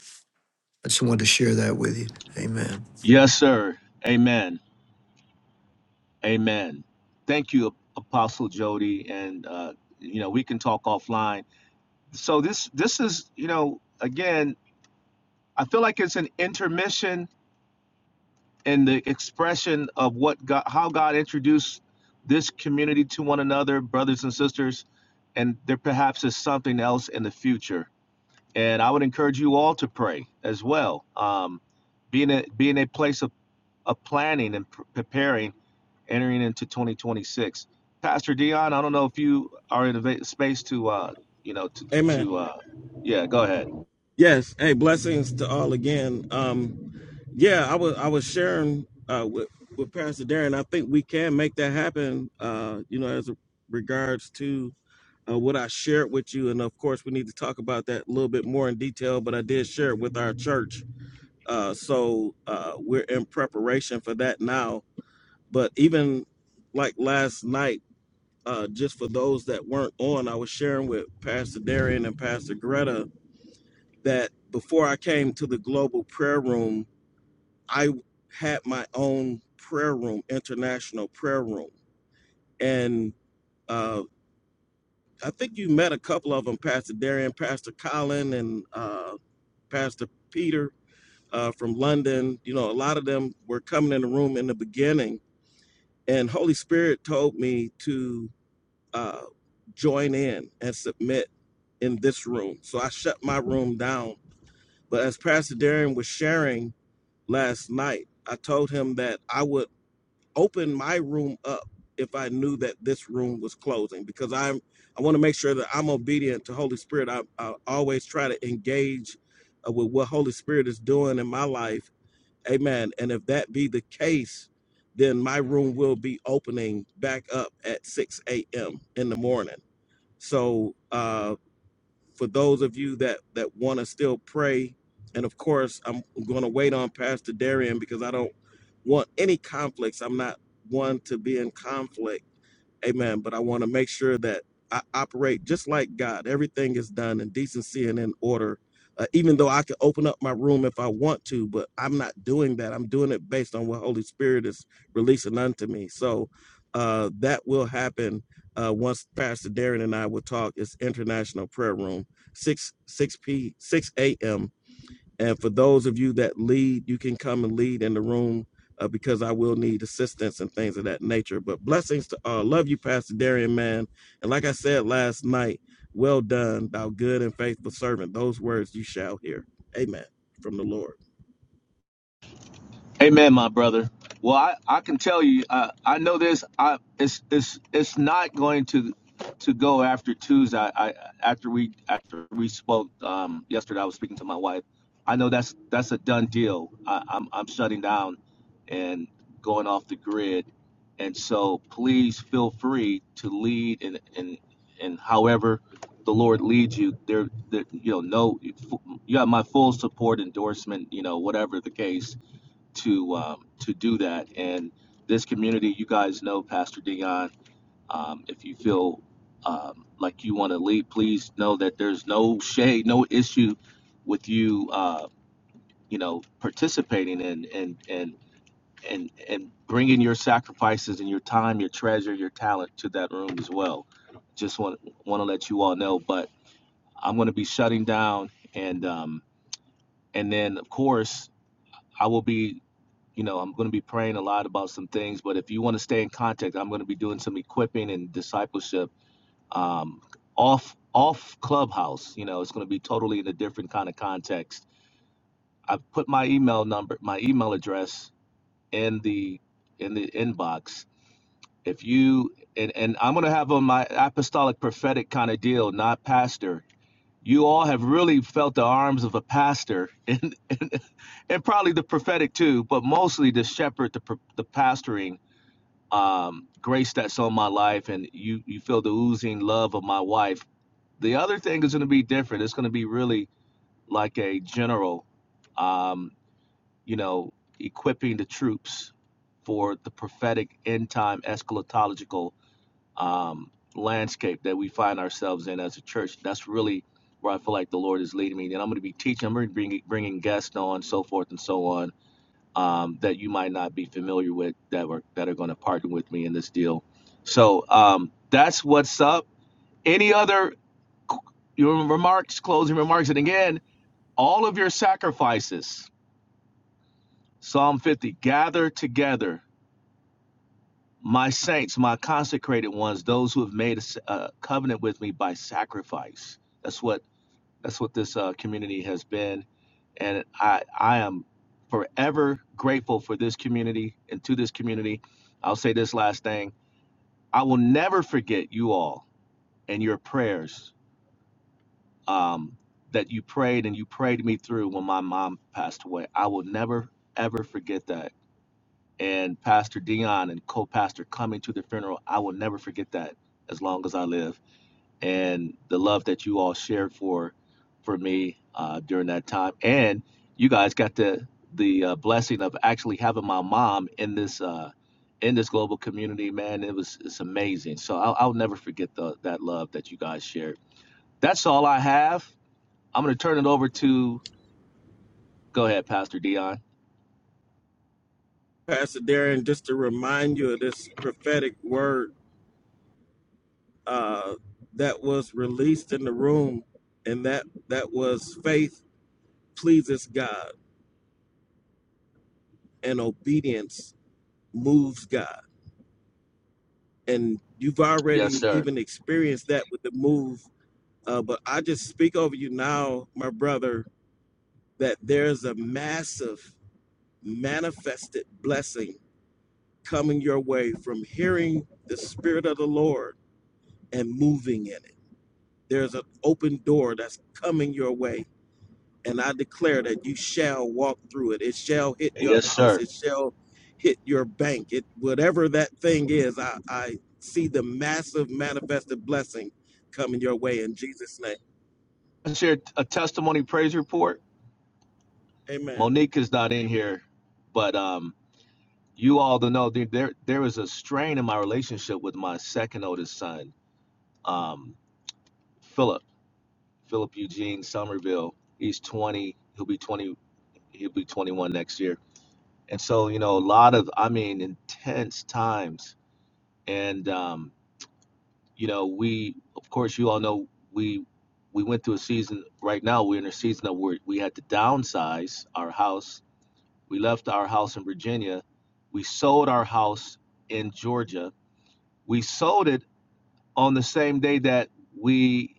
C: I just wanted to share that with you. Amen.
G: Yes, sir. Amen. Amen. Thank you, Apostle Jody, and uh, you know we can talk offline. So this this is you know again I feel like it's an intermission in the expression of what God how God introduced this community to one another, brothers and sisters, and there perhaps is something else in the future and I would encourage you all to pray as well. Um, being a be a place of, of planning and pr- preparing, entering into 2026. Pastor Dion, I don't know if you are in a space to uh, you know to
D: Amen.
G: to uh, yeah, go ahead.
D: Yes. Hey, blessings to all again. Um, yeah, I was I was sharing uh, with with Pastor Darren. I think we can make that happen. Uh, you know, as regards to uh, what I shared with you, and of course, we need to talk about that a little bit more in detail. But I did share it with our church, uh, so uh, we're in preparation for that now. But even like last night, uh, just for those that weren't on, I was sharing with Pastor Darren and Pastor Greta that before I came to the global prayer room, I had my own prayer room, international prayer room. And uh, I think you met a couple of them, Pastor Darian, Pastor Colin, and uh, Pastor Peter uh, from London. You know, a lot of them were coming in the room in the beginning. And Holy Spirit told me to uh, join in and submit in this room. So I shut my room down. But as Pastor Darian was sharing, last night. I told him that I would open my room up if I knew that this room was closing because I'm I want to make sure that I'm obedient to Holy Spirit. I, I always try to engage uh, with what Holy Spirit is doing in my life. Amen. And if that be the case, then my room will be opening back up at 6 a.m. in the morning. So uh, for those of you that that want to still pray and of course i'm going to wait on pastor darian because i don't want any conflicts i'm not one to be in conflict Amen. But I want to make sure that I operate just like God. Everything is done in decency and in order. Uh, even though I can open up my room if I want to, but I'm not doing that. I'm doing it based on what Holy Spirit is releasing unto me. So uh, that will happen uh, once Pastor Darren and I will talk. It's International Prayer Room, six six p six a.m. And for those of you that lead, you can come and lead in the room uh, because I will need assistance and things of that nature. But blessings to all. Love you, Pastor Darian, man. And like I said last night, well done, thou good and faithful servant. Those words you shall hear. Amen. From the Lord.
G: Amen, my brother. Well, I, I can tell you, uh, I know this. I it's it's it's not going to to go after Tuesday. I, I after we after we spoke um, yesterday, I was speaking to my wife. I know that's that's a done deal. I, I'm I'm shutting down and going off the grid, and so please feel free to lead and and and however the Lord leads you. There, there you know, no, you have my full support, endorsement, you know, whatever the case to um, to do that. And this community, you guys know Pastor Dion. Um, if you feel um, like you want to lead, please know that there's no shade, no issue with you. Uh, you know, participating and and and and and bringing your sacrifices and your time, your treasure, your talent to that room as well. Just want want to let you all know. But I'm going to be shutting down, and um, and then of course I will be you know, I'm going to be praying a lot about some things, but if you want to stay in contact, I'm going to be doing some equipping and discipleship um, off off Clubhouse. You know, it's going to be totally in a different kind of context. I've put my email number, my email address in the in the inbox. If you and and I'm going to have on my apostolic prophetic kind of deal, not pastor. You all have really felt the arms of a pastor and and, and probably the prophetic too, but mostly the shepherd, the the pastoring um, grace that's on my life, and you you feel the oozing love of my wife. The other thing is going to be different. It's going to be really like a general, um, you know, equipping the troops for the prophetic end time eschatological um, landscape that we find ourselves in as a church. That's really where I feel like the Lord is leading me. And I'm going to be teaching. I'm going to be bringing, bringing guests on, so forth and so on um, that you might not be familiar with that were that are going to partner with me in this deal. So um, that's what's up. Any other your remarks, closing remarks, and again, all of your sacrifices. Psalm 50: Gather together, my saints, my consecrated ones, those who have made a covenant with me by sacrifice. That's what That's what this uh, community has been, and I I am forever grateful for this community and to this community. I'll say this last thing: I will never forget you all and your prayers um, that you prayed and you prayed me through when my mom passed away. I will never ever forget that. And Pastor Dion and co-pastor coming to the funeral, I will never forget that as long as I live. and the love that you all shared for for me uh, during that time. And you guys got the the uh, blessing of actually having my mom in this uh, in this global community. Man, it was it's amazing. So I'll, I'll never forget the, that love that you guys shared. That's all I have. I'm gonna turn it over to go ahead, Pastor Dion.
D: Pastor Darian, just to remind you of this prophetic word uh, that was released in the room, and that that was faith pleases God and obedience moves God. And you've
G: Yes,
D: already
G: sir.
D: even experienced that with the move. Uh, but I just speak over you now, my brother, that there's a massive manifested blessing coming your way from hearing the Spirit of the Lord and moving in it. There's an open door that's coming your way and I declare that you shall walk through it. It shall hit your
G: Yes,
D: house.
G: sir.
D: It shall hit your bank. It whatever that thing is, I, I see the massive manifested blessing coming your way in Jesus' name.
G: Share a testimony praise report.
D: Amen.
G: Monique is not in here, but um, you all don't know there, there there is a strain in my relationship with my second oldest son, um, Philip, Philip Eugene Somerville. He's 20. He'll be 20. He'll be 21 next year. And so you know, a lot of I mean, intense times. And um, you know, we of course you all know we we went through a season. Right now, we're in a season that we we had to downsize our house We left our house in Virginia. We sold our house in Georgia. We sold it on the same day that we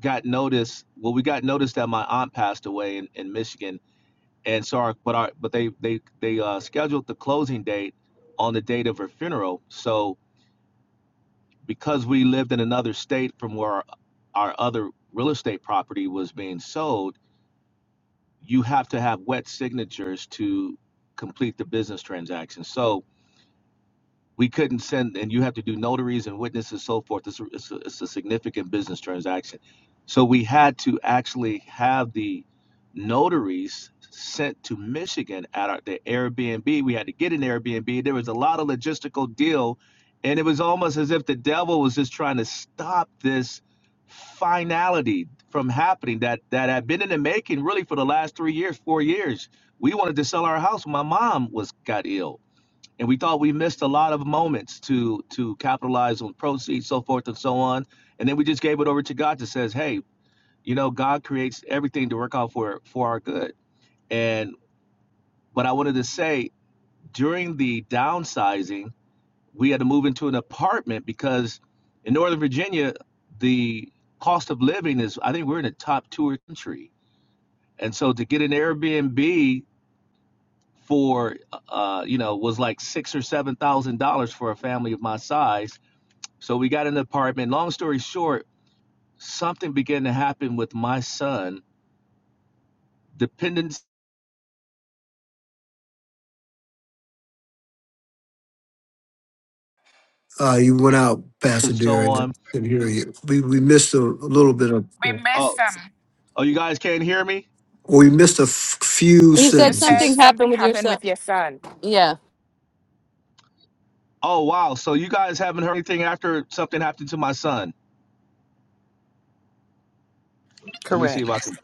G: got notice. Well, we got notice that my aunt passed away in, in Michigan, and so our but our but they they they uh, scheduled the closing date on the date of her funeral. So because we lived in another state from where our, our other real estate property was being sold, you have to have wet signatures to complete the business transaction. So we couldn't send, and you have to do notaries and witnesses and so forth. It's a, it's, a, it's a significant business transaction. So we had to actually have the notaries sent to Michigan at our, the Airbnb. We had to get an Airbnb. There was a lot of logistical deal, and it was almost as if the devil was just trying to stop this finality from happening that that had been in the making really for the last three years, four years. We wanted to sell our house. My mom was got ill and we thought we missed a lot of moments to to capitalize on proceeds, so forth and so on. And then we just gave it over to God that says, "Hey, you know, God creates everything to work out for for our good." And but I wanted to say during the downsizing, we had to move into an apartment because in Northern Virginia, the cost of living is I think we're in the top two or country, and so to get an Airbnb for uh you know was like six or seven thousand dollars for a family of my size So we got an apartment. Long story short, something began to happen with my son, dependence
C: Uh, you went out,
G: and
C: Pasadena,
G: so
C: and
G: on.
C: didn't hear you. We, we missed a, a little bit of,
A: We
C: or
A: miss
G: Oh,
A: him.
G: oh, you guys can't hear me?
C: we missed a f- few
F: You
A: You
F: said
A: said
F: something
C: sentences.
A: something
F: happened with your
A: happened
F: son.
A: with your son.
F: Yeah.
G: Oh, wow. So you guys haven't heard anything after something happened to my son. Let me see
B: Correct.
G: if I can.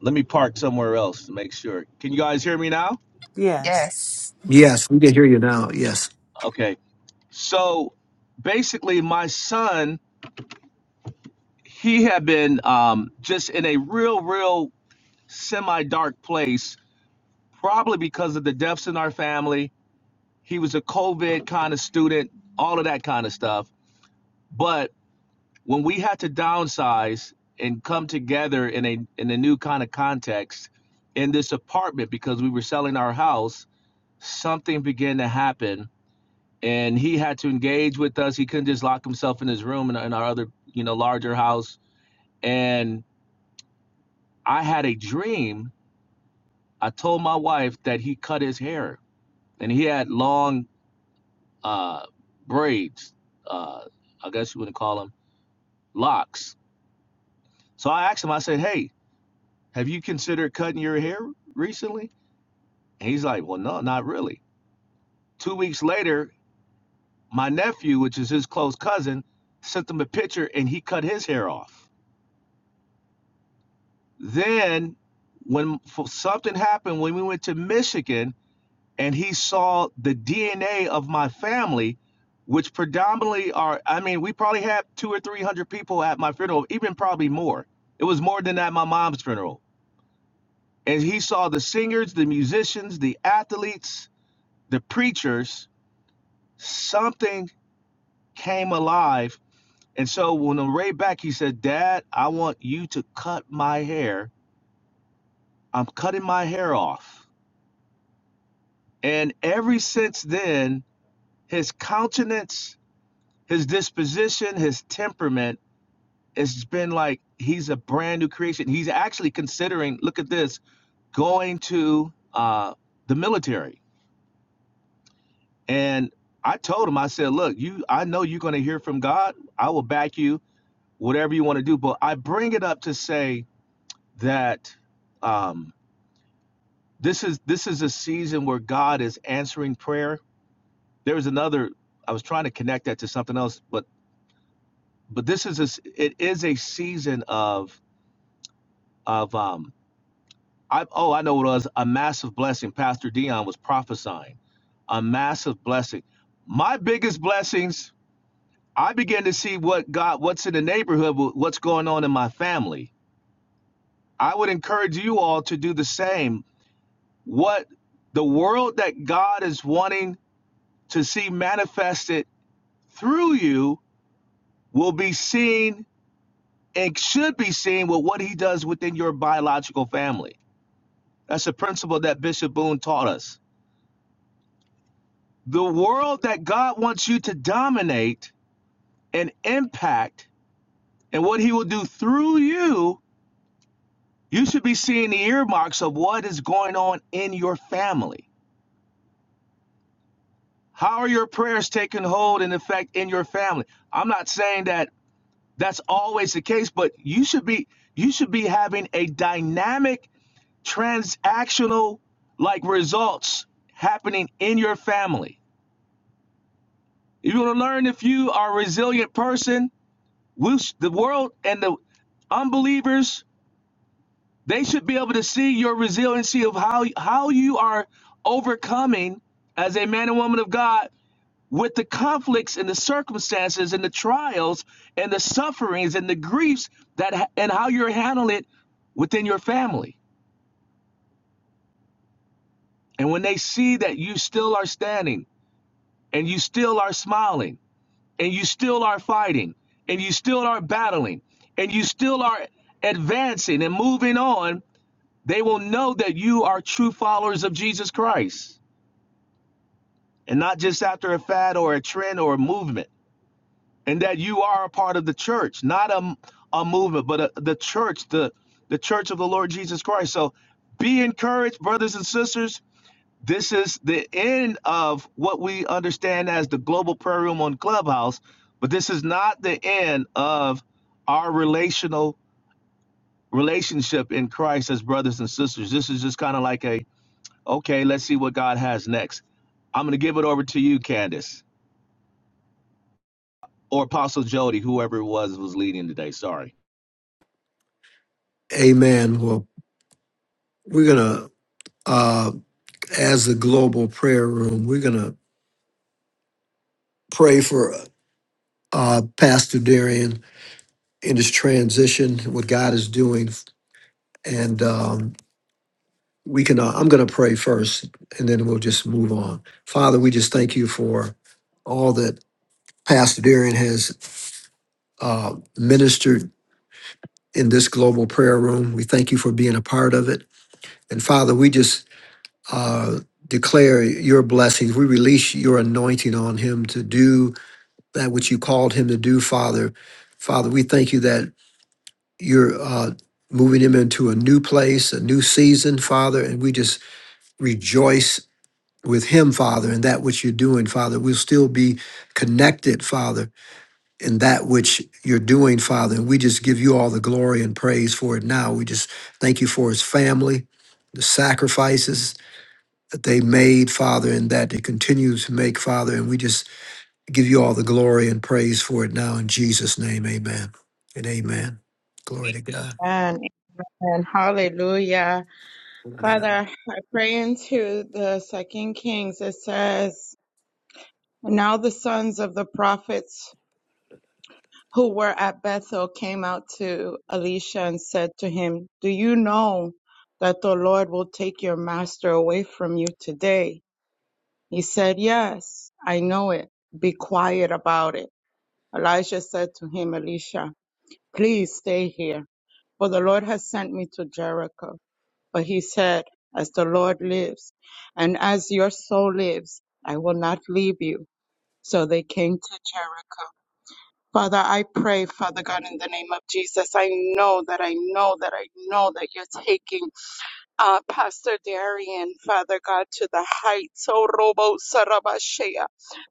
G: Let me park somewhere else to make sure. Can you guys hear me now?
B: Yes.
A: Yes.
C: Yes, we can hear you now. Yes.
G: Okay. So basically, my son, he had been um, just in a real, real semi dark place, probably because of the deaths in our family He was a COVID kind of student, all of that kind of stuff. But when we had to downsize and come together in a in a new kind of context in this apartment because we were selling our house, something began to happen and he had to engage with us. He couldn't just lock himself in his room in, in our other, you know, larger house. And I had a dream. I told my wife that he cut his hair and he had long uh braids. Uh I guess you wouldn't call them locks. So I asked him, I said, Hey, have you considered cutting your hair recently? And he's like, Well, no, not really. Two weeks later, my nephew, which is his close cousin, sent him a picture and he cut his hair off. Then, when something happened when we went to Michigan and he saw the DNA of my family, which predominantly are, I mean, we probably had two or 300 people at my funeral, even probably more. It was more than at my mom's funeral And he saw the singers, the musicians, the athletes, the preachers. Something came alive. And so when on the way back, he said, Dad, I want you to cut my hair. I'm cutting my hair off. And ever since then, his countenance, his disposition, his temperament, it's been like he's a brand new creation. He's actually considering, look at this, going to uh, the military And I told him, I said, look, you, I know you're going to hear from God. I will back you, whatever you want to do. But I bring it up to say that um, this is this is a season where God is answering prayer. There's another. I was trying to connect that to something else, but but this is a, s- it is a season of of um. I, oh, I know what it was a massive blessing. Pastor Dion was prophesying a massive blessing. My biggest blessings I began to see what God, what's in the neighborhood, what's going on in my family. I would encourage you all to do the same. What the world that God is wanting to see manifested through you will be seen and should be seen with what He does within your biological family. That's a principle that Bishop Boone taught us. The world that God wants you to dominate and impact, and what He will do through you You should be seeing the earmarks of what is going on in your family. How are your prayers taking hold and effect in your family? I'm not saying that that's always the case, but you should be you should be having a dynamic transactional like results happening in your family. You're going to learn if you are a resilient person, we the world and the unbelievers They should be able to see your resiliency of how how you are overcoming as a man and woman of God with the conflicts and the circumstances and the trials and the sufferings and the griefs that and how you're handling it within your family. And when they see that you still are standing and you still are smiling and you still are fighting and you still are battling and you still are advancing and moving on, they will know that you are true followers of Jesus Christ. and not just after a fad or a trend or a movement, and that you are a part of the church, not a, a movement, but a, the church, the, the church of the Lord Jesus Christ. So be encouraged, brothers and sisters. This is the end of what we understand as the global prayer room on Clubhouse, but this is not the end of our relational relationship in Christ as brothers and sisters. This is just kind of like a okay, let's see what God has next. I'm going to give it over to you, Candace. or Apostle Jody, whoever it was was leading today. Sorry.
C: Amen. Well, we're going to, uh, as the global prayer room, we're going to pray for uh, Pastor Darian in his transition, what God is doing. And um, we can, uh, I'm going to pray first, and then we'll just move on. Father, we just thank you for all that Pastor Darian has uh, ministered in this global prayer room. We thank you for being a part of it. And Father, we just uh, declare your blessings. We release your anointing on him to do that which you called him to do, Father. Father, we thank you that you're uh, moving him into a new place, a new season, Father. And we just rejoice with him, Father, in that which you're doing, Father. We'll still be connected, Father in that which you're doing, Father. And we just give you all the glory and praise for it now. We just thank you for his family, the sacrifices that they made, Father, and that they continue to make, Father. And we just give you all the glory and praise for it now in Jesus' name. Amen. And amen. Glory to God.
E: Amen. Amen. Hallelujah. Father, I pray into the second Kings. It says, Now the sons of the prophets who were at Bethel came out to Elisha and said to him, 'Do you know that the Lord will take your master away from you today? He said, 'Yes, I know it. Be quiet about it. Elijah said to him, Elisha, please stay here, for the Lord has sent me to Jericho. But he said, As the Lord lives, and as your soul lives, I will not leave you. So they came to Jericho. Father, I pray, Father God, in the name of Jesus, I know that I know that I know that you're taking uh, Pastor Darian, Father God, to the heights, oh Robo Sarabashea,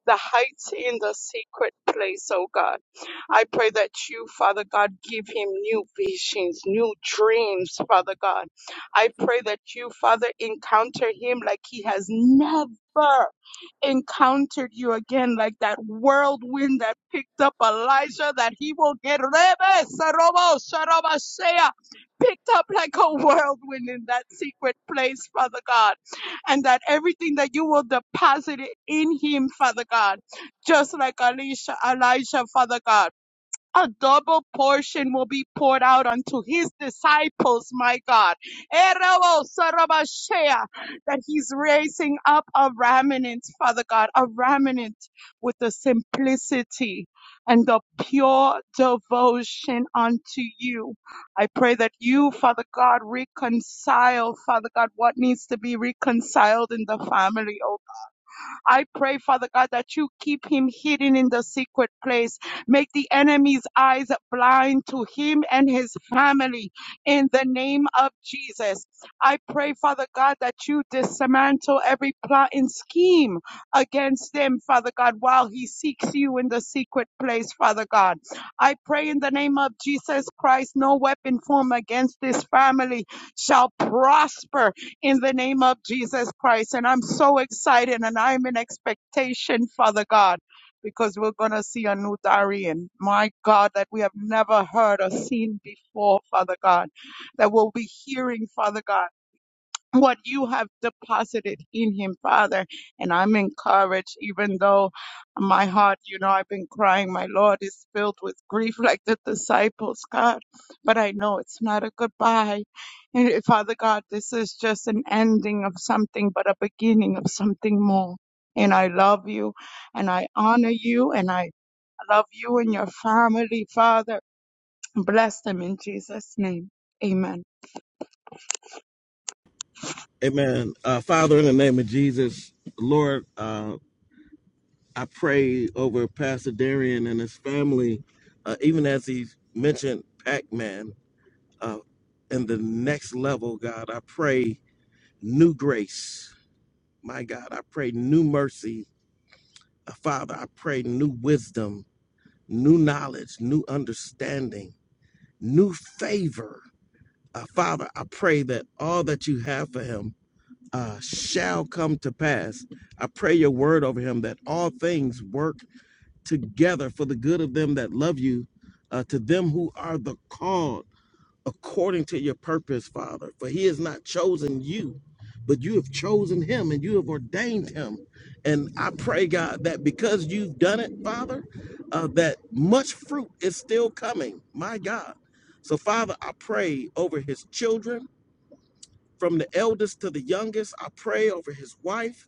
E: the heights in the secret place, oh God. I pray that you, Father God, give him new visions, new dreams, Father God. I pray that you, Father, encounter him like he has never encountered you again, like that whirlwind that picked up Elijah, that he will get Rebe Sarobo Sarabashea picked up like a whirlwind in that secret place, Father God, and that everything that you will deposit it in him, Father God, just like Elisha, Elijah, Father God a double portion will be poured out unto his disciples, my God. Erebo sarabashea, That he's raising up a remnant, Father God, a remnant with the simplicity and the pure devotion unto you. I pray that you, Father God, reconcile, Father God, what needs to be reconciled in the family, oh I pray, Father God, that you keep him hidden in the secret place. Make the enemy's eyes blind to him and his family in the name of Jesus. I pray, Father God, that you dismantle every plot and scheme against them, Father God, while he seeks you in the secret place, Father God. I pray in the name of Jesus Christ, no weapon formed against this family shall prosper in the name of Jesus Christ. And I'm so excited and I'm in expectation, Father God, because we're going to see a new Darian, my God, that we have never heard or seen before, Father God, that we'll be hearing, Father God what you have deposited in him, Father. And I'm encouraged, even though my heart, you know, I've been crying, my Lord is filled with grief like the disciples, God. But I know it's not a goodbye. And eh, Father God, this is just an ending of something, but a beginning of something more. And I love you and I honor you and I love you and your family, Father. Bless them in Jesus' name. Amen.
D: Amen. Uh, Father, in the name of Jesus, Lord, uh, I pray over Pastor Darian and his family, uh, even as he mentioned Pac-Man, uh, and the next level, God, I pray new grace. My God, I pray new mercy Father, I pray new wisdom, new knowledge, new understanding, new favor. Uh, Father, I pray that all that you have for him uh, shall come to pass. I pray your word over him that all things work together for the good of them that love you, uh, to them who are the called according to your purpose, Father. For he has not chosen you, but you have chosen him and you have ordained him. And I pray, God, that because you've done it, Father, uh, that much fruit is still coming, my God. So, Father, I pray over his children, from the eldest to the youngest. I pray over his wife.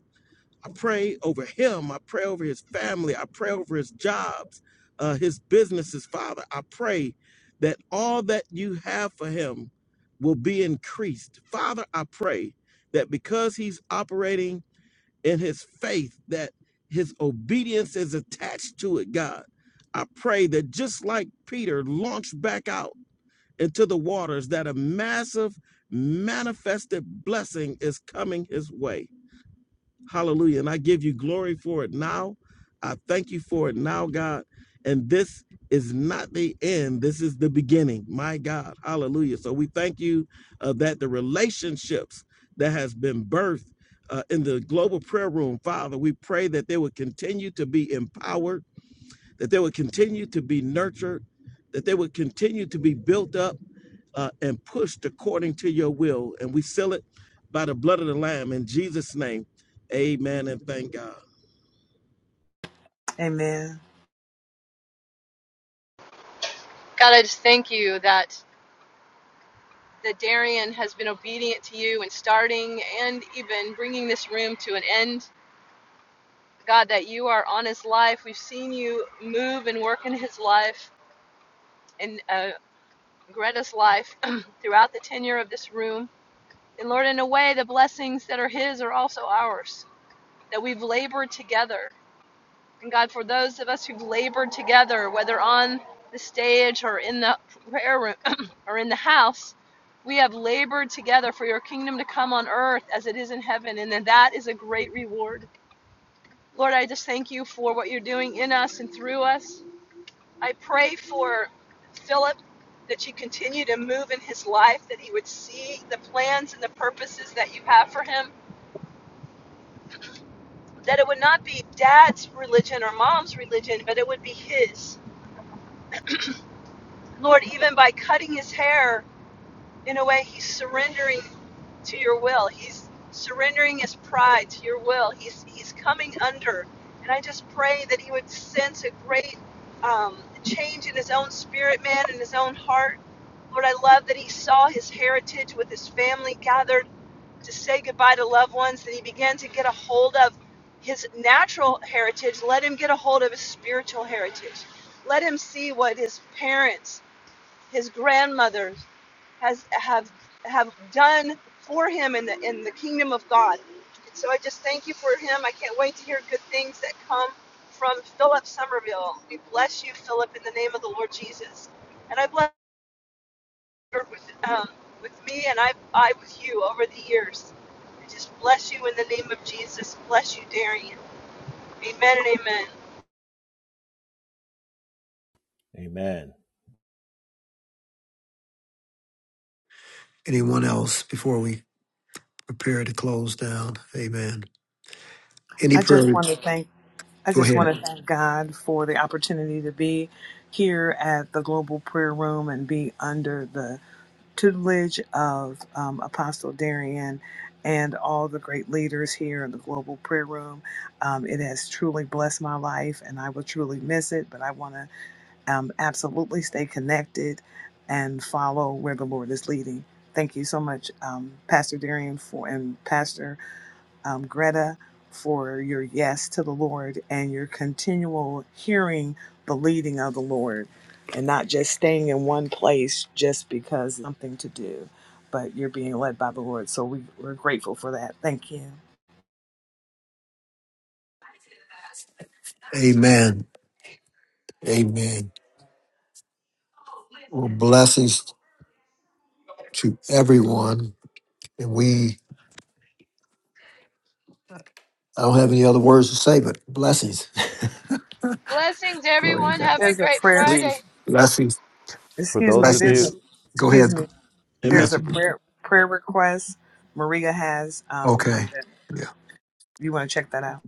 D: I pray over him. I pray over his family. I pray over his jobs, uh, his businesses. Father, I pray that all that you have for him will be increased. Father, I pray that because he's operating in his faith, that his obedience is attached to it, God. I pray that just like Peter launched back out into the waters, that a massive manifested blessing is coming his way. Hallelujah. And I give you glory for it now. I thank you for it now, God. And this is not the end, this is the beginning. My God. Hallelujah. So we thank you uh, that the relationships that has been birthed uh, in the global prayer room, Father, we pray that they would continue to be empowered that they would continue to be nurtured, that they would continue to be built up uh, and pushed according to your will. And we seal it by the blood of the Lamb in Jesus' name. Amen and thank God.
B: Amen.
F: God, I just thank you that that Darian has been obedient to you in starting and even bringing this room to an end. God, that you are on his life. We've seen you move and work in his life and uh, Greta's life throughout the tenure of this room. And Lord, in a way, the blessings that are his are also ours. That we've labored together And God, for those of us who've labored together, whether on the stage or in the prayer room or in the house, we have labored together for your kingdom to come on earth as it is in heaven. And that is a great reward. Lord, I just thank you for what you're doing in us and through us. I pray for Philip that you continue to move in his life, that he would see the plans and the purposes that you have for him, that it would not be dad's religion or mom's religion, but it would be his Lord, even by cutting his hair, in a way, he's surrendering to your will. He's surrendering his pride to your will. He's, he's coming under. And I just pray that he would sense a great um, change in his own spirit, man, in his own heart. Lord, I love that he saw his heritage with his family gathered to say goodbye to loved ones, that he began to get a hold of his natural heritage. Let him get a hold of his spiritual heritage. Let him see what his parents his grandmothers has have have done for him in the in the kingdom of God. And so I just thank you for him. I can't wait to hear good things that come from Philip Somerville. We bless you, Philip, in the name of the Lord Jesus. And I bless you with um, with me and I I with you over the years. I just bless you in the name of Jesus. Bless you, Darian. Amen and amen.
G: Amen.
C: Anyone else before we prepare to close down? Amen. Any
B: I just want to
C: prayers?
B: thank I
C: Go
B: just want
C: ahead.
B: to thank God for the opportunity to be here at the Global Prayer Room and be under the tutelage of um, Apostle Darian and all the great leaders here in the Global Prayer Room. Um, it has truly blessed my life, and I will truly miss it. But I want to um, absolutely stay connected and follow where the Lord is leading. Thank you so much, um, Pastor Darian for and Pastor um, Greta for your yes to the Lord and your continual hearing the leading of the Lord and not just staying in one place just because something to do, but you're being led by the Lord. So we, we're grateful for that. Thank you.
C: Amen. Amen. Well, blessings to everyone. And we I don't have any other words to say, but blessings.
F: Blessings,
C: Glory to
F: everyone.
C: God.
F: Have a
B: There's a
F: great
B: prayer.
F: Friday.
C: Blessings.
B: Excuse me. There's a
C: Blessings. Go ahead,
B: excuse me.
D: Amen.
B: There's a
C: Pastor.
B: prayer prayer request Maria has. Um,
C: Okay. Yeah.
B: you want to check that out.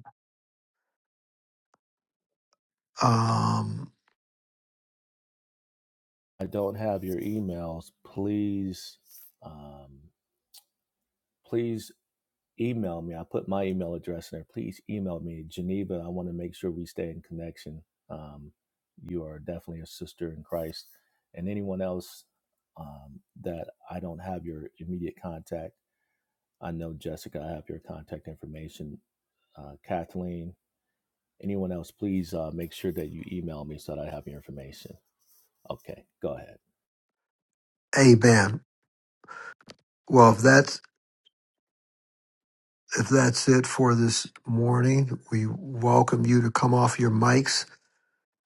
C: Um, amen. Well, if that's if that's it for this morning, we welcome you to come off your mics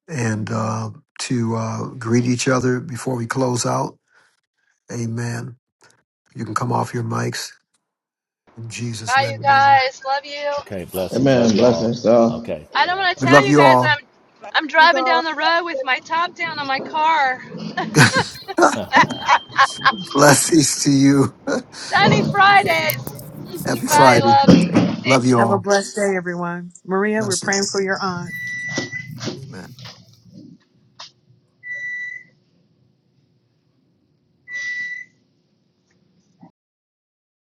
C: and uh, to uh, greet each other before we close out. Amen. You can come off your mics in Jesus'
F: Bye, you
C: name. Amen.
F: guys. Love you.
D: Amen. Blessings, y'all.
F: I don't want to
C: We
F: tell
C: love
F: you
C: you
F: guys
C: all.
F: I'm I'm driving down the road with my top down on my car.
C: Blessings to you.
F: Sunny Fridays.
C: Happy
F: Bye,
C: Friday.
F: love.
C: Love you
B: Have a
C: all.
B: blessed day, everyone. Maria, we're
C: Blessings.
B: praying for your aunt.
C: Amen.